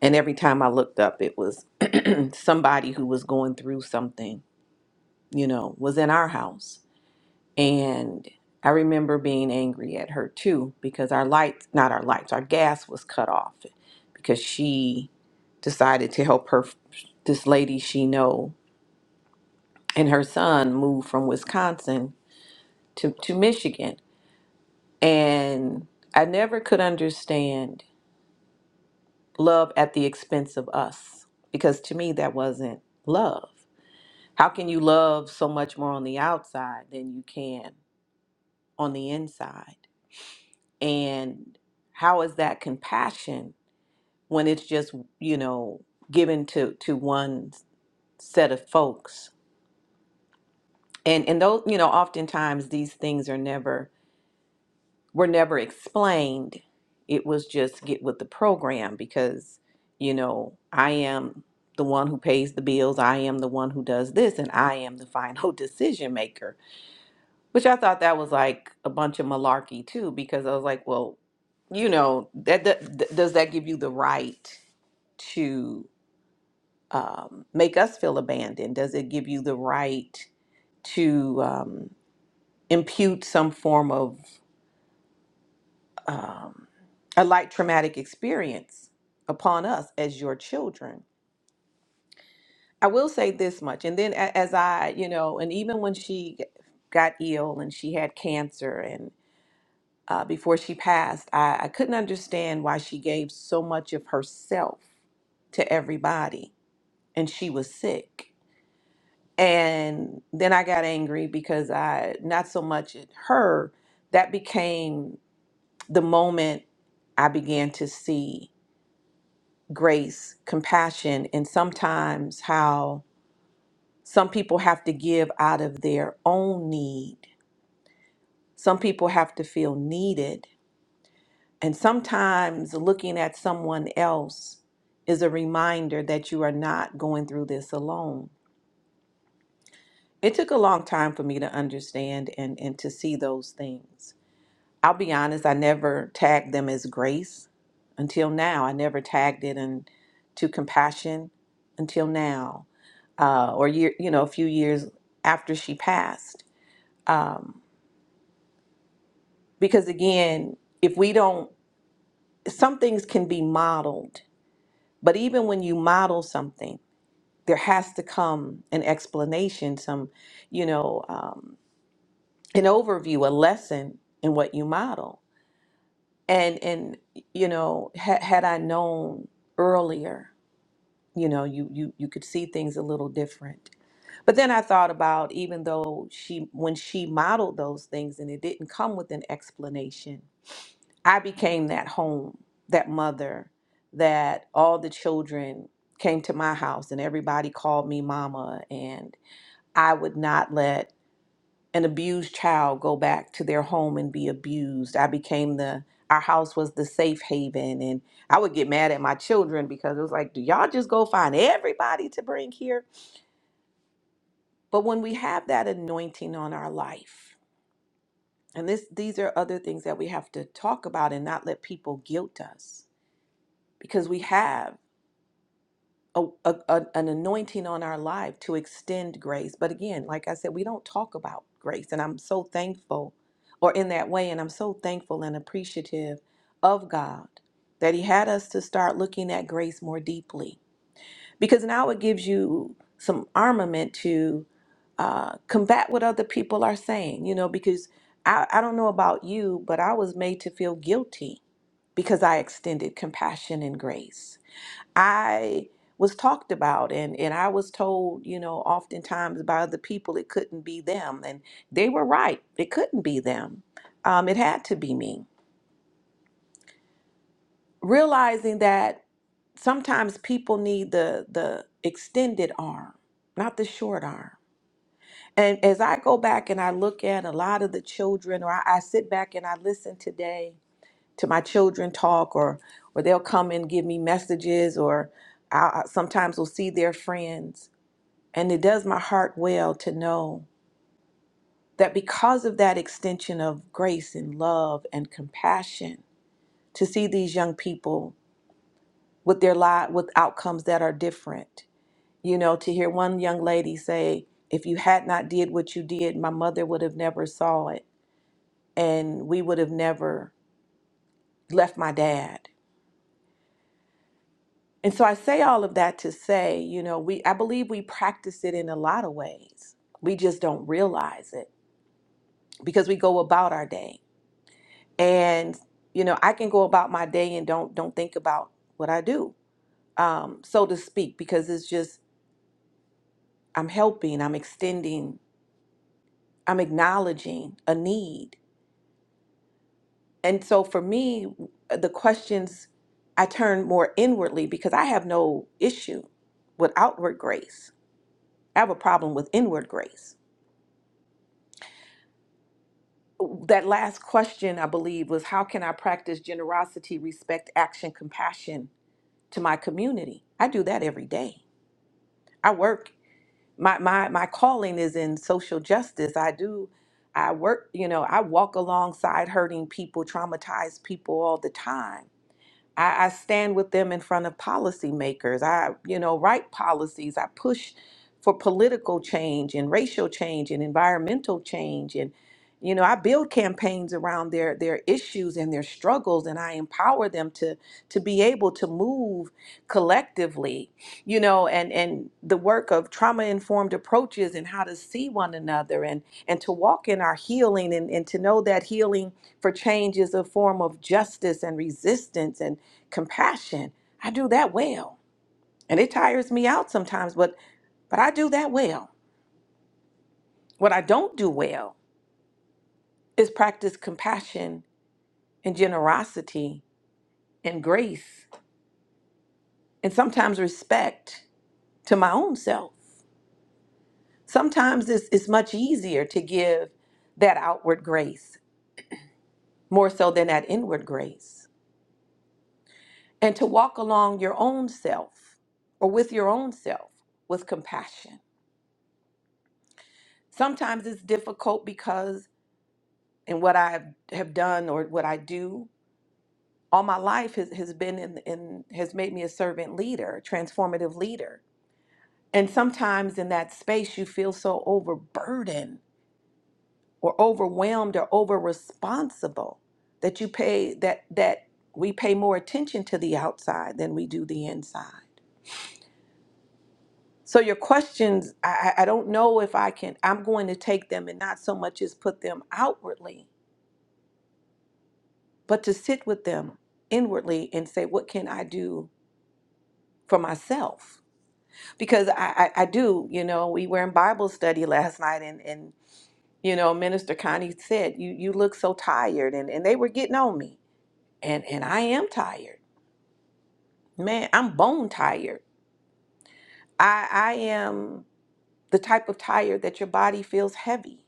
A: And every time I looked up, it was somebody who was going through something. You know, was in our house, and I remember being angry at her too because our lights, not our lights, our gas was cut off because she decided to help her this lady she know and her son moved from Wisconsin to, to Michigan. And I never could understand love at the expense of us because to me, that wasn't love. How can you love so much more on the outside than you can on the inside? And how is that compassion when it's just, you know, given to, to one set of folks? And, and those, you know, oftentimes these things are never were never explained. It was just get with the program because, you know, I am the one who pays the bills, I am the one who does this, and I am the final decision maker. Which I thought that was like a bunch of malarkey too, because I was like, well, you know, that, that th- does that give you the right to um, make us feel abandoned? Does it give you the right to um, impute some form of um, a light traumatic experience upon us as your children. I will say this much, and then a- as I, you know, and even when she g- got ill and she had cancer, and uh, before she passed, I, I couldn't understand why she gave so much of herself to everybody, and she was sick. And then I got angry because I, not so much at her, that became the moment I began to see. grace, compassion, and sometimes how some people have to give out of their own need. Some people have to feel needed. And sometimes looking at someone else is a reminder that you are not going through this alone. It took a long time for me to understand and, and to see those things. I'll be honest, I never tagged them as grace until now. I never tagged it in to compassion until now, uh, or year, you know, a few years after she passed. Um, because again, if we don't, some things can be modeled, but even when you model something, there has to come an explanation, some, you know, um, an overview, a lesson in what you model and and you know ha- had i known earlier you know you you you could see things a little different but then i thought about even though she when she modeled those things and it didn't come with an explanation i became that home that mother that all the children came to my house and everybody called me mama and i would not let an abused child go back to their home and be abused. I became the our house was the safe haven and I would get mad at my children because it was like, do y'all just go find everybody to bring here? But when we have that anointing on our life, and this these are other things that we have to talk about and not let people guilt us because we have a, a, a- an anointing on our life to extend grace. But again, like I said, we don't talk about grace. And I'm so thankful, or in that way, and I'm so thankful and appreciative of God that He had us to start looking at grace more deeply. Because now it gives you some armament to uh, combat what other people are saying, you know, because I, I don't know about you, but I was made to feel guilty because I extended compassion and grace I was talked about and and I was told, you know, oftentimes by other people it couldn't be them and they were right. It couldn't be them. Um, it had to be me. Realizing that sometimes people need the the extended arm, not the short arm. And as I go back and I look at a lot of the children or I, I sit back and I listen today to my children talk or or they'll come and give me messages or I I sometimes will see their friends And it does my heart well to know that because of that extension of grace and love and compassion, to see these young people with their life with outcomes that are different. You know, to hear one young lady say, if you had not did what you did, my mother would have never saw it and we would have never left my dad. And so I say all of that to say, you know, we I believe we practice it in a lot of ways. We just don't realize it because we go about our day and you know i can go about my day and don't don't think about what i do um so to speak because it's just i'm helping i'm extending i'm acknowledging a need and so for me the questions i turn more inwardly because i have no issue with outward grace i have a problem with inward grace that last question i believe was how can i practice generosity respect action compassion to my community i do that every day I work my my my calling is in social justice. I do I work, you know, I walk alongside hurting people, traumatized people all the time. I, I stand with them in front of policymakers. I, you know, write policies. I push for political change and racial change and environmental change. And, you know, I build campaigns around their their issues and their struggles and I empower them to to be able to move collectively, you know, and, and the work of trauma informed approaches and how to see one another and and to walk in our healing and, and to know that healing for change is a form of justice and resistance and compassion. I do that well. And it tires me out sometimes, but but I do that well. What I don't do well is practice compassion and generosity and grace and sometimes respect to my own self. Sometimes it's, it's much easier to give that outward grace more so than that inward grace. and to walk along your own self or with your own self with compassion. Sometimes it's difficult because, and what I have done or what I do all my life has, has been in, in, has made me a servant leader, a transformative leader. And sometimes in that space, you feel so overburdened or overwhelmed or over responsible that you pay that, that we pay more attention to the outside than we do the inside. So your questions, I, I I don't know if I can, I'm going to take them and not so much as put them outwardly, but to sit with them inwardly and say, what can I do for myself? Because I, I, I do, you know, we were in Bible study last night and, and you know, Minister Connie said, you, you look so tired and, and they were getting on me and, and I am tired. Man, I'm bone tired. I, I am the type of tired that your body feels heavy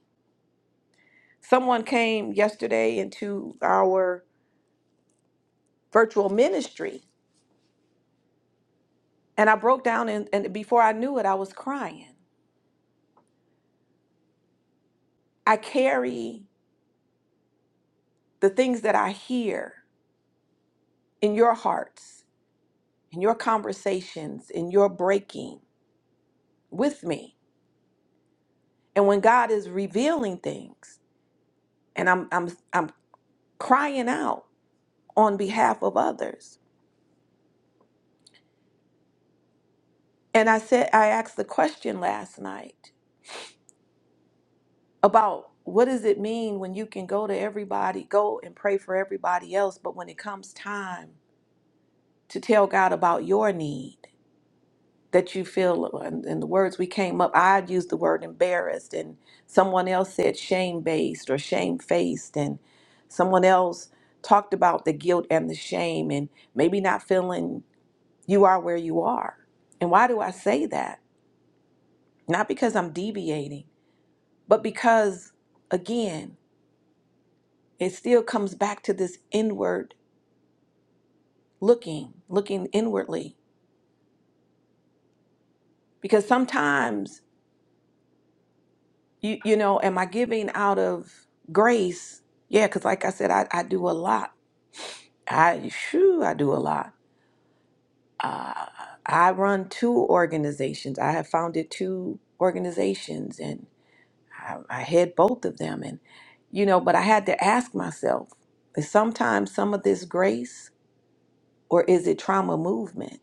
A: someone came yesterday into our virtual ministry and i broke down and, and before i knew it i was crying i carry the things that i hear in your hearts in your conversations in your breaking with me and when god is revealing things and i'm i'm i'm crying out on behalf of others and i said i asked the question last night about what does it mean when you can go to everybody, go and pray for everybody else, but when it comes time to tell God about your need that you feel, and, and the words we came up, I used the word embarrassed, and someone else said shame based or shame faced, and someone else talked about the guilt and the shame, and maybe not feeling you are where you are. And why do I say that? Not because I'm deviating, but because, again, it still comes back to this inward looking, looking inwardly. Because sometimes, you, you know, am I giving out of grace? Yeah, because like I said, I, I do a lot. I, shoo, I do a lot. Uh, I run two organizations. I have founded two organizations and I, I head both of them. And, you know, but I had to ask myself, is sometimes some of this grace or is it trauma movement?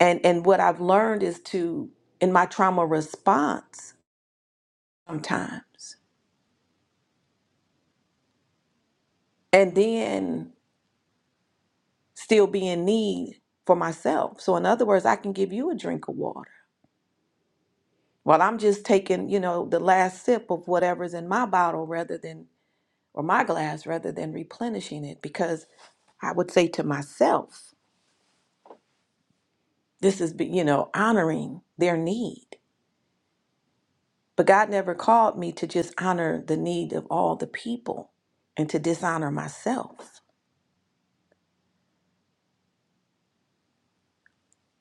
A: and and what i've learned is to in my trauma response sometimes and then still be in need for myself so in other words i can give you a drink of water while i'm just taking you know the last sip of whatever's in my bottle rather than or my glass rather than replenishing it because i would say to myself this is be- you know honoring their need but god never called me to just honor the need of all the people and to dishonor myself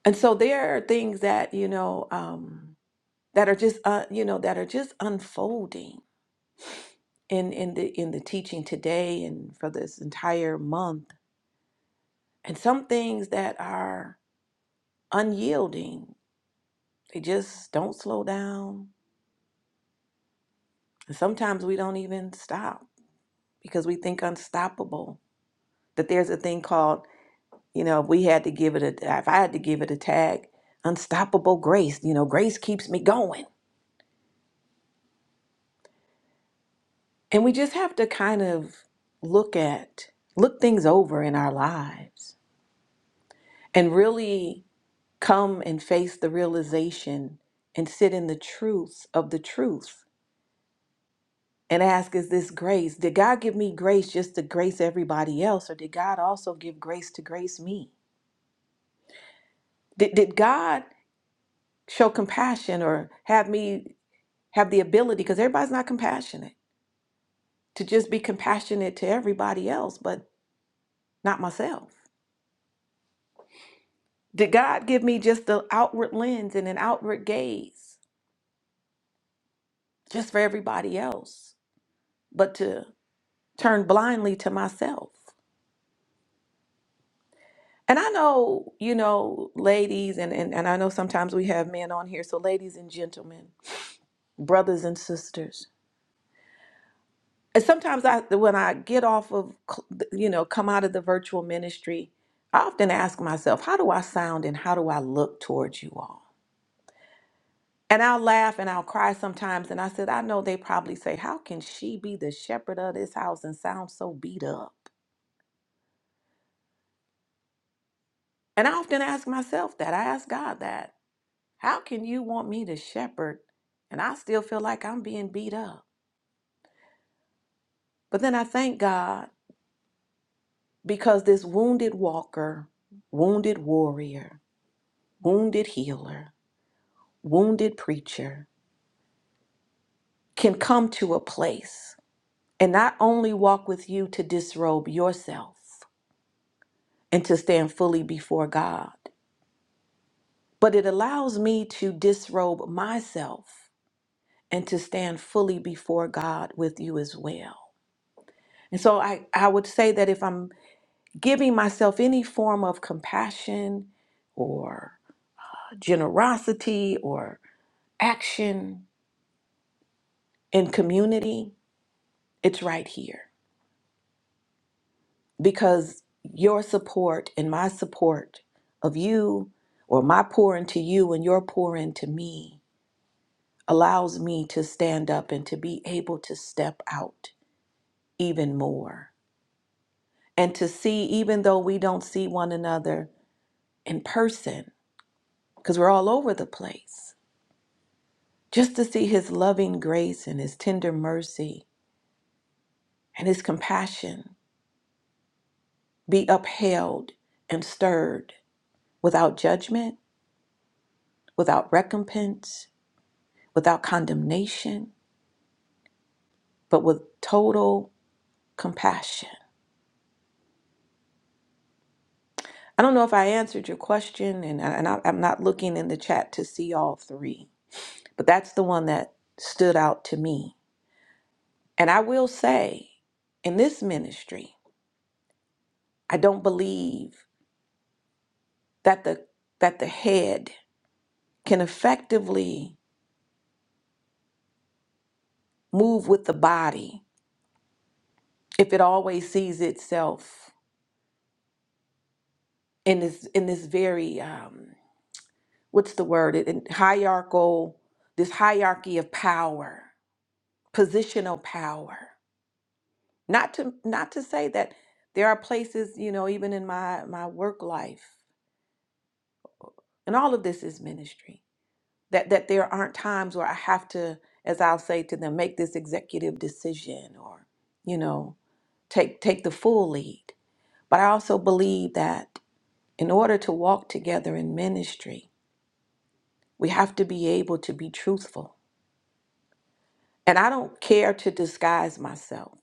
A: And so there are things that, you know, um, that are just, uh, you know, that are just unfolding in, in the, in the teaching today and for this entire month. And some things that are unyielding, they just don't slow down. And sometimes we don't even stop because we think unstoppable. That there's a thing called, you know, if we had to give it a, if I had to give it a tag, unstoppable grace, you know, grace keeps me going And we just have to kind of look at, look things over in our lives and really come and face the realization and sit in the truths of the truth and ask, is this grace? Did God give me grace just to grace everybody else? Or did God also give grace to grace me? Did, did God show compassion or have me have the ability, because everybody's not compassionate, to just be compassionate to everybody else, but not myself? Did God give me just the outward lens and an outward gaze just for everybody else, but to turn blindly to myself? And I know, you know, ladies, and, and, and I know sometimes we have men on here, so ladies and gentlemen, brothers and sisters. And sometimes I, when I get off of, cl- you know, come out of the virtual ministry, I often ask myself, how do I sound and how do I look towards you all? And I'll laugh and I'll cry sometimes. And I said, I know they probably say, How can she be the shepherd of this house and sound so beat up? And I often ask myself that. I ask God that. How can you want me to shepherd and I still feel like I'm being beat up? But then I thank God because this wounded walker, wounded warrior, wounded healer, wounded preacher can come to a place and not only walk with you to disrobe yourself and to stand fully before God. But it allows me to disrobe myself and to stand fully before God with you as well. And so I, I would say that if I'm giving myself any form of compassion or generosity or action in community, it's right here because your support and my support of you or my pour into you and your pour into me allows me to stand up and to be able to step out even more and to see, even though we don't see one another in person, because we're all over the place, just to see His loving grace and His tender mercy and His compassion be upheld and stirred without judgment, without recompense, without condemnation, but with total compassion I don't know if I answered your question, and, and I, I'm not looking in the chat to see all three, but that's the one that stood out to me. And I will say, in this ministry, I don't believe that the that the head can effectively move with the body if it always sees itself in this in this very um, what's the word in in hierarchical this hierarchy of power, positional power. Not to not to say that there are places, you know, even in my my work life, and all of this is ministry. That that there aren't times where I have to, as I'll say to them, make this executive decision or, you know, take take the full lead. But I also believe that in order to walk together in ministry, we have to be able to be truthful. And I don't care to disguise myself.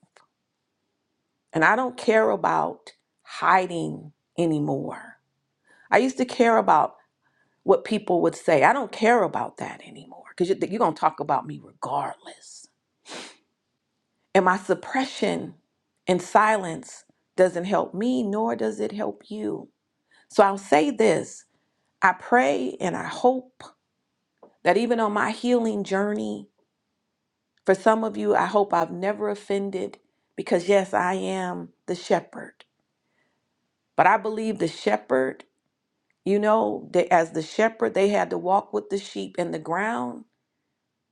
A: And I don't care about hiding anymore. I used to care about what people would say. I don't care about that anymore because you're, you're going to talk about me regardless. And my suppression and silence doesn't help me, nor does it help you. So I'll say this I pray and I hope that even on my healing journey, for some of you, I hope I've never offended because, yes, I am the shepherd. But I believe the shepherd, you know, that as the shepherd, they had to walk with the sheep, and the ground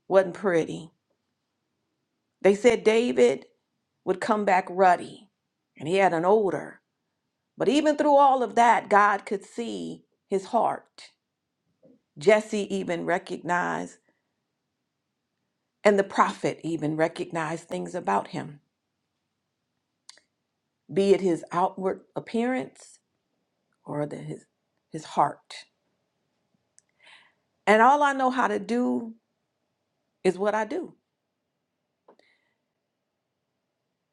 A: wasn't pretty They said David would come back ruddy and he had an odor. But even through all of that, God could see his heart. Jesse even recognized, and the prophet even recognized things about him, be it his outward appearance or the, his, his heart. And all I know how to do is what I do.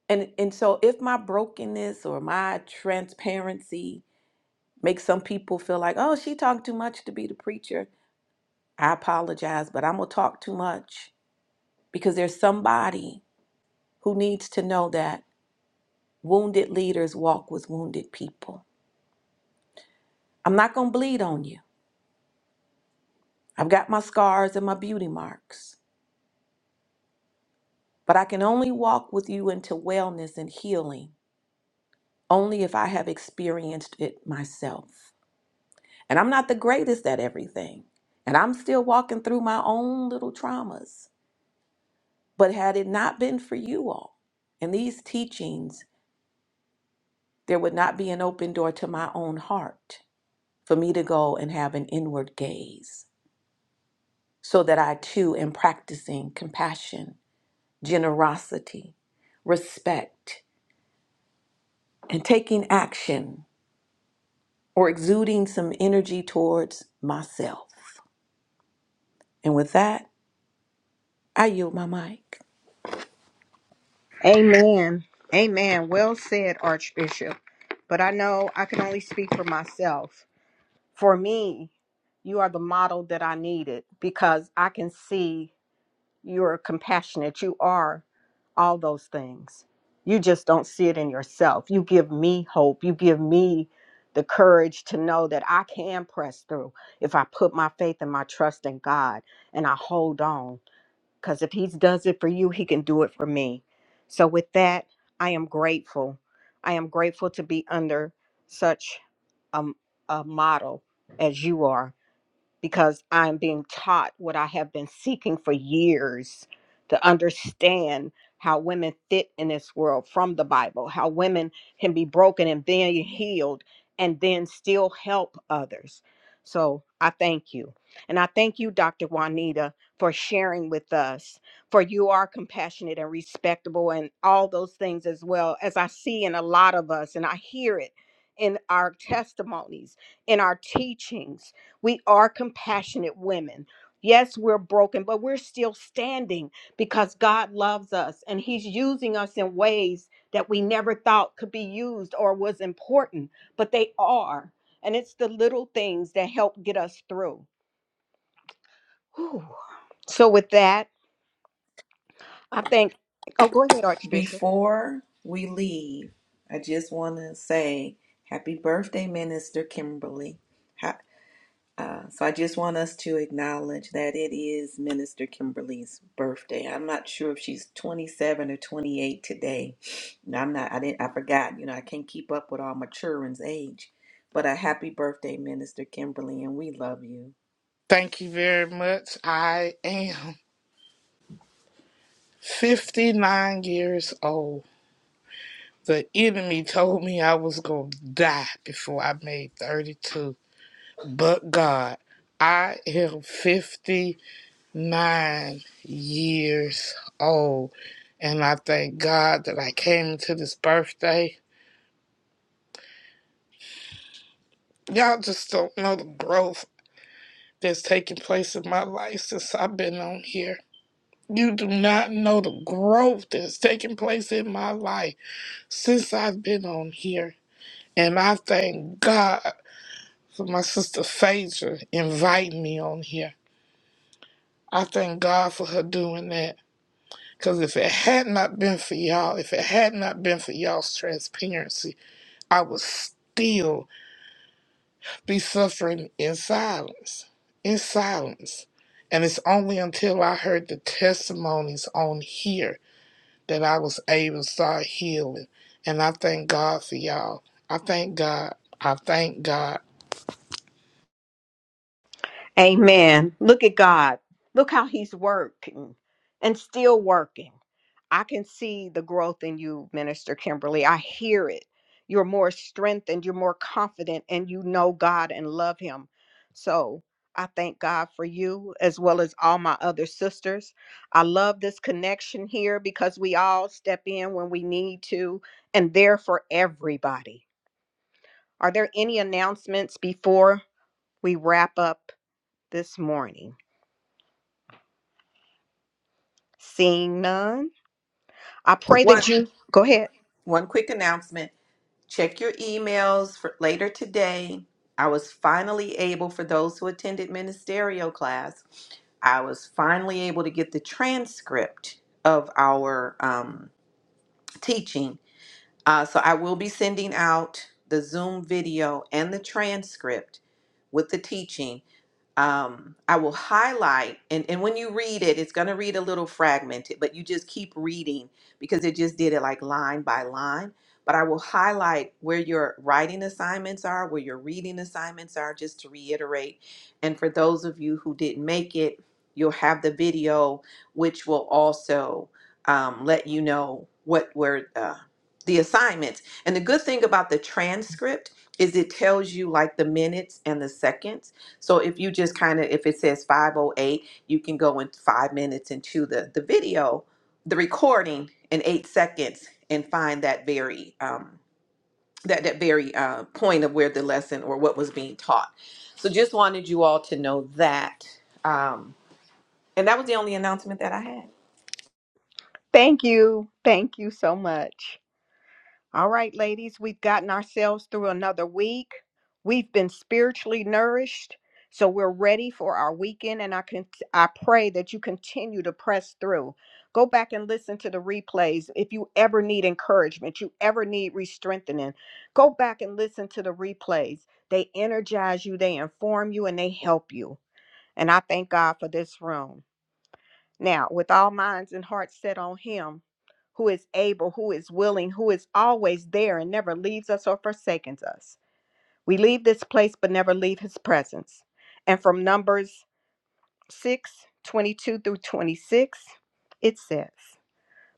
A: And, and so if my brokenness or my transparency makes some people feel like, oh, she talked too much to be the preacher, I apologize, but I'm going to talk too much because there's somebody who needs to know that wounded leaders walk with wounded people. I'm not going to bleed on you. I've got my scars and my beauty marks, but I can only walk with you into wellness and healing only if I have experienced it myself. And I'm not the greatest at everything, and I'm still walking through my own little traumas. But had it not been for you all and these teachings, There would not be an open door to my own heart for me to go and have an inward gaze, so that I too am practicing compassion, generosity, respect, and taking action or exuding some energy towards myself. And with that, I yield my mic.
C: Amen. Amen. Well said, Archbishop. But I know I can only speak for myself. For me, you are the model that I needed because I can see You're compassionate. You are all those things. You just don't see it in yourself. You give me hope. You give me the courage to know that I can press through if I put my faith and my trust in God and I hold on. Because if He does it for you, He can do it for me. So, with that, I am grateful. I am grateful to be under such a, a model as you are because I'm being taught what I have been seeking for years to understand how women fit in this world from the Bible, how women can be broken and then healed and then still help others. So I thank you. And I thank you, Dr. Juanita, for sharing with us, for you are compassionate and respectable and all those things as well, as I see in a lot of us, and I hear it in our testimonies, in our teachings we are compassionate women. Yes, we're broken, but we're still standing because God loves us and He's using us in ways that we never thought could be used or was important, but they are. And it's the little things that help get us through. Whew. So, with that, I think. Oh, go ahead, Archbishop.
A: Before we leave, I just want to say happy birthday, Minister Kimberly. Ha- Uh, so I just want us to acknowledge that it is Minister Kimberly's birthday. I'm not sure if she's 27 or 28 today. No, I'm not. I didn't. I forgot. You know, I can't keep up with all my children's age. But a happy birthday, Minister Kimberly, and we love you.
E: Thank you very much. I am 59 years old. The enemy told me I was going to die before I made 32. But God, I am 59 years old. And I thank God that I came into this birthday. Y'all just don't know the growth that's taking place in my life since I've been on here. You do not know the growth that's taking place in my life. since I've been on here, and I thank God for my sister Phaedra inviting me on here. I thank God for her doing that. Because if it had not been for y'all, if it had not been for y'all's transparency, I would still be suffering in silence. In silence. And it's only until I heard the testimonies on here that I was able to start healing. And I thank God for y'all. I thank God. I thank God.
C: Amen. Look at God. Look how He's working and still working. I can see the growth in you, Minister Kimberly. I hear it. You're more strengthened, you're more confident, and you know God and love Him. So I thank God for you as well as all my other sisters. I love this connection here because we all step in when we need to and there for everybody. Are there any announcements before we wrap up this morning? Seeing none, I pray
A: One
C: that you go ahead.
A: one quick announcement. Check your emails for later today. I was finally able for those who attended ministerial class. I was finally able to get the transcript of our um, teaching. Uh, so I will be sending out the Zoom video and the transcript with the teaching um, I will highlight, and, and when you read it, it's going to read a little fragmented, but you just keep reading because it just did it like line by line. But I will highlight where your writing assignments are, where your reading assignments are, just to reiterate. And for those of you who didn't make it, you'll have the video, which will also um, let you know what were uh, the assignments. And the good thing about the transcript is it tells you like the minutes and the seconds. So if you just kind of if it says 508, you can go in 5 minutes into the the video, the recording in 8 seconds and find that very um that that very uh, point of where the lesson or what was being taught. So just wanted you all to know that. Um and that was the only announcement that I had.
C: Thank you. Thank you so much. All right, ladies, we've gotten ourselves through another week. We've been spiritually nourished, so we're ready for our weekend. And I can I pray that you continue to press through. Go back and listen to the replays. If you ever need encouragement, you ever need re-strengthening, go back and listen to the replays. They energize you, they inform you, and they help you. And I thank God for this room. Now, with all minds and hearts set on Him, who is able, who is willing, who is always there and never leaves us or forsakes us. We leave this place but never leave His presence. And from Numbers 6 22 through 26, it says,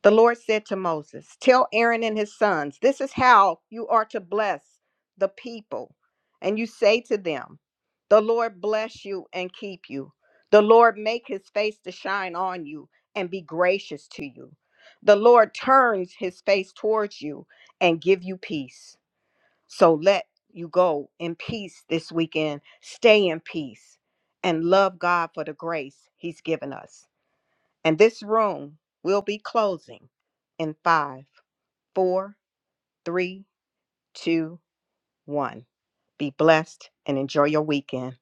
C: the Lord said to Moses, Tell Aaron and his sons, this is how you are to bless the people. And you say to them, 'The Lord bless you and keep you. The Lord make his face to shine on you and be gracious to you. The Lord turns his face towards you and give you peace. So let you go in peace this weekend. Stay in peace and love God for the grace he's given us. And this room will be closing in five, four, three, two, one. Be blessed and enjoy your weekend.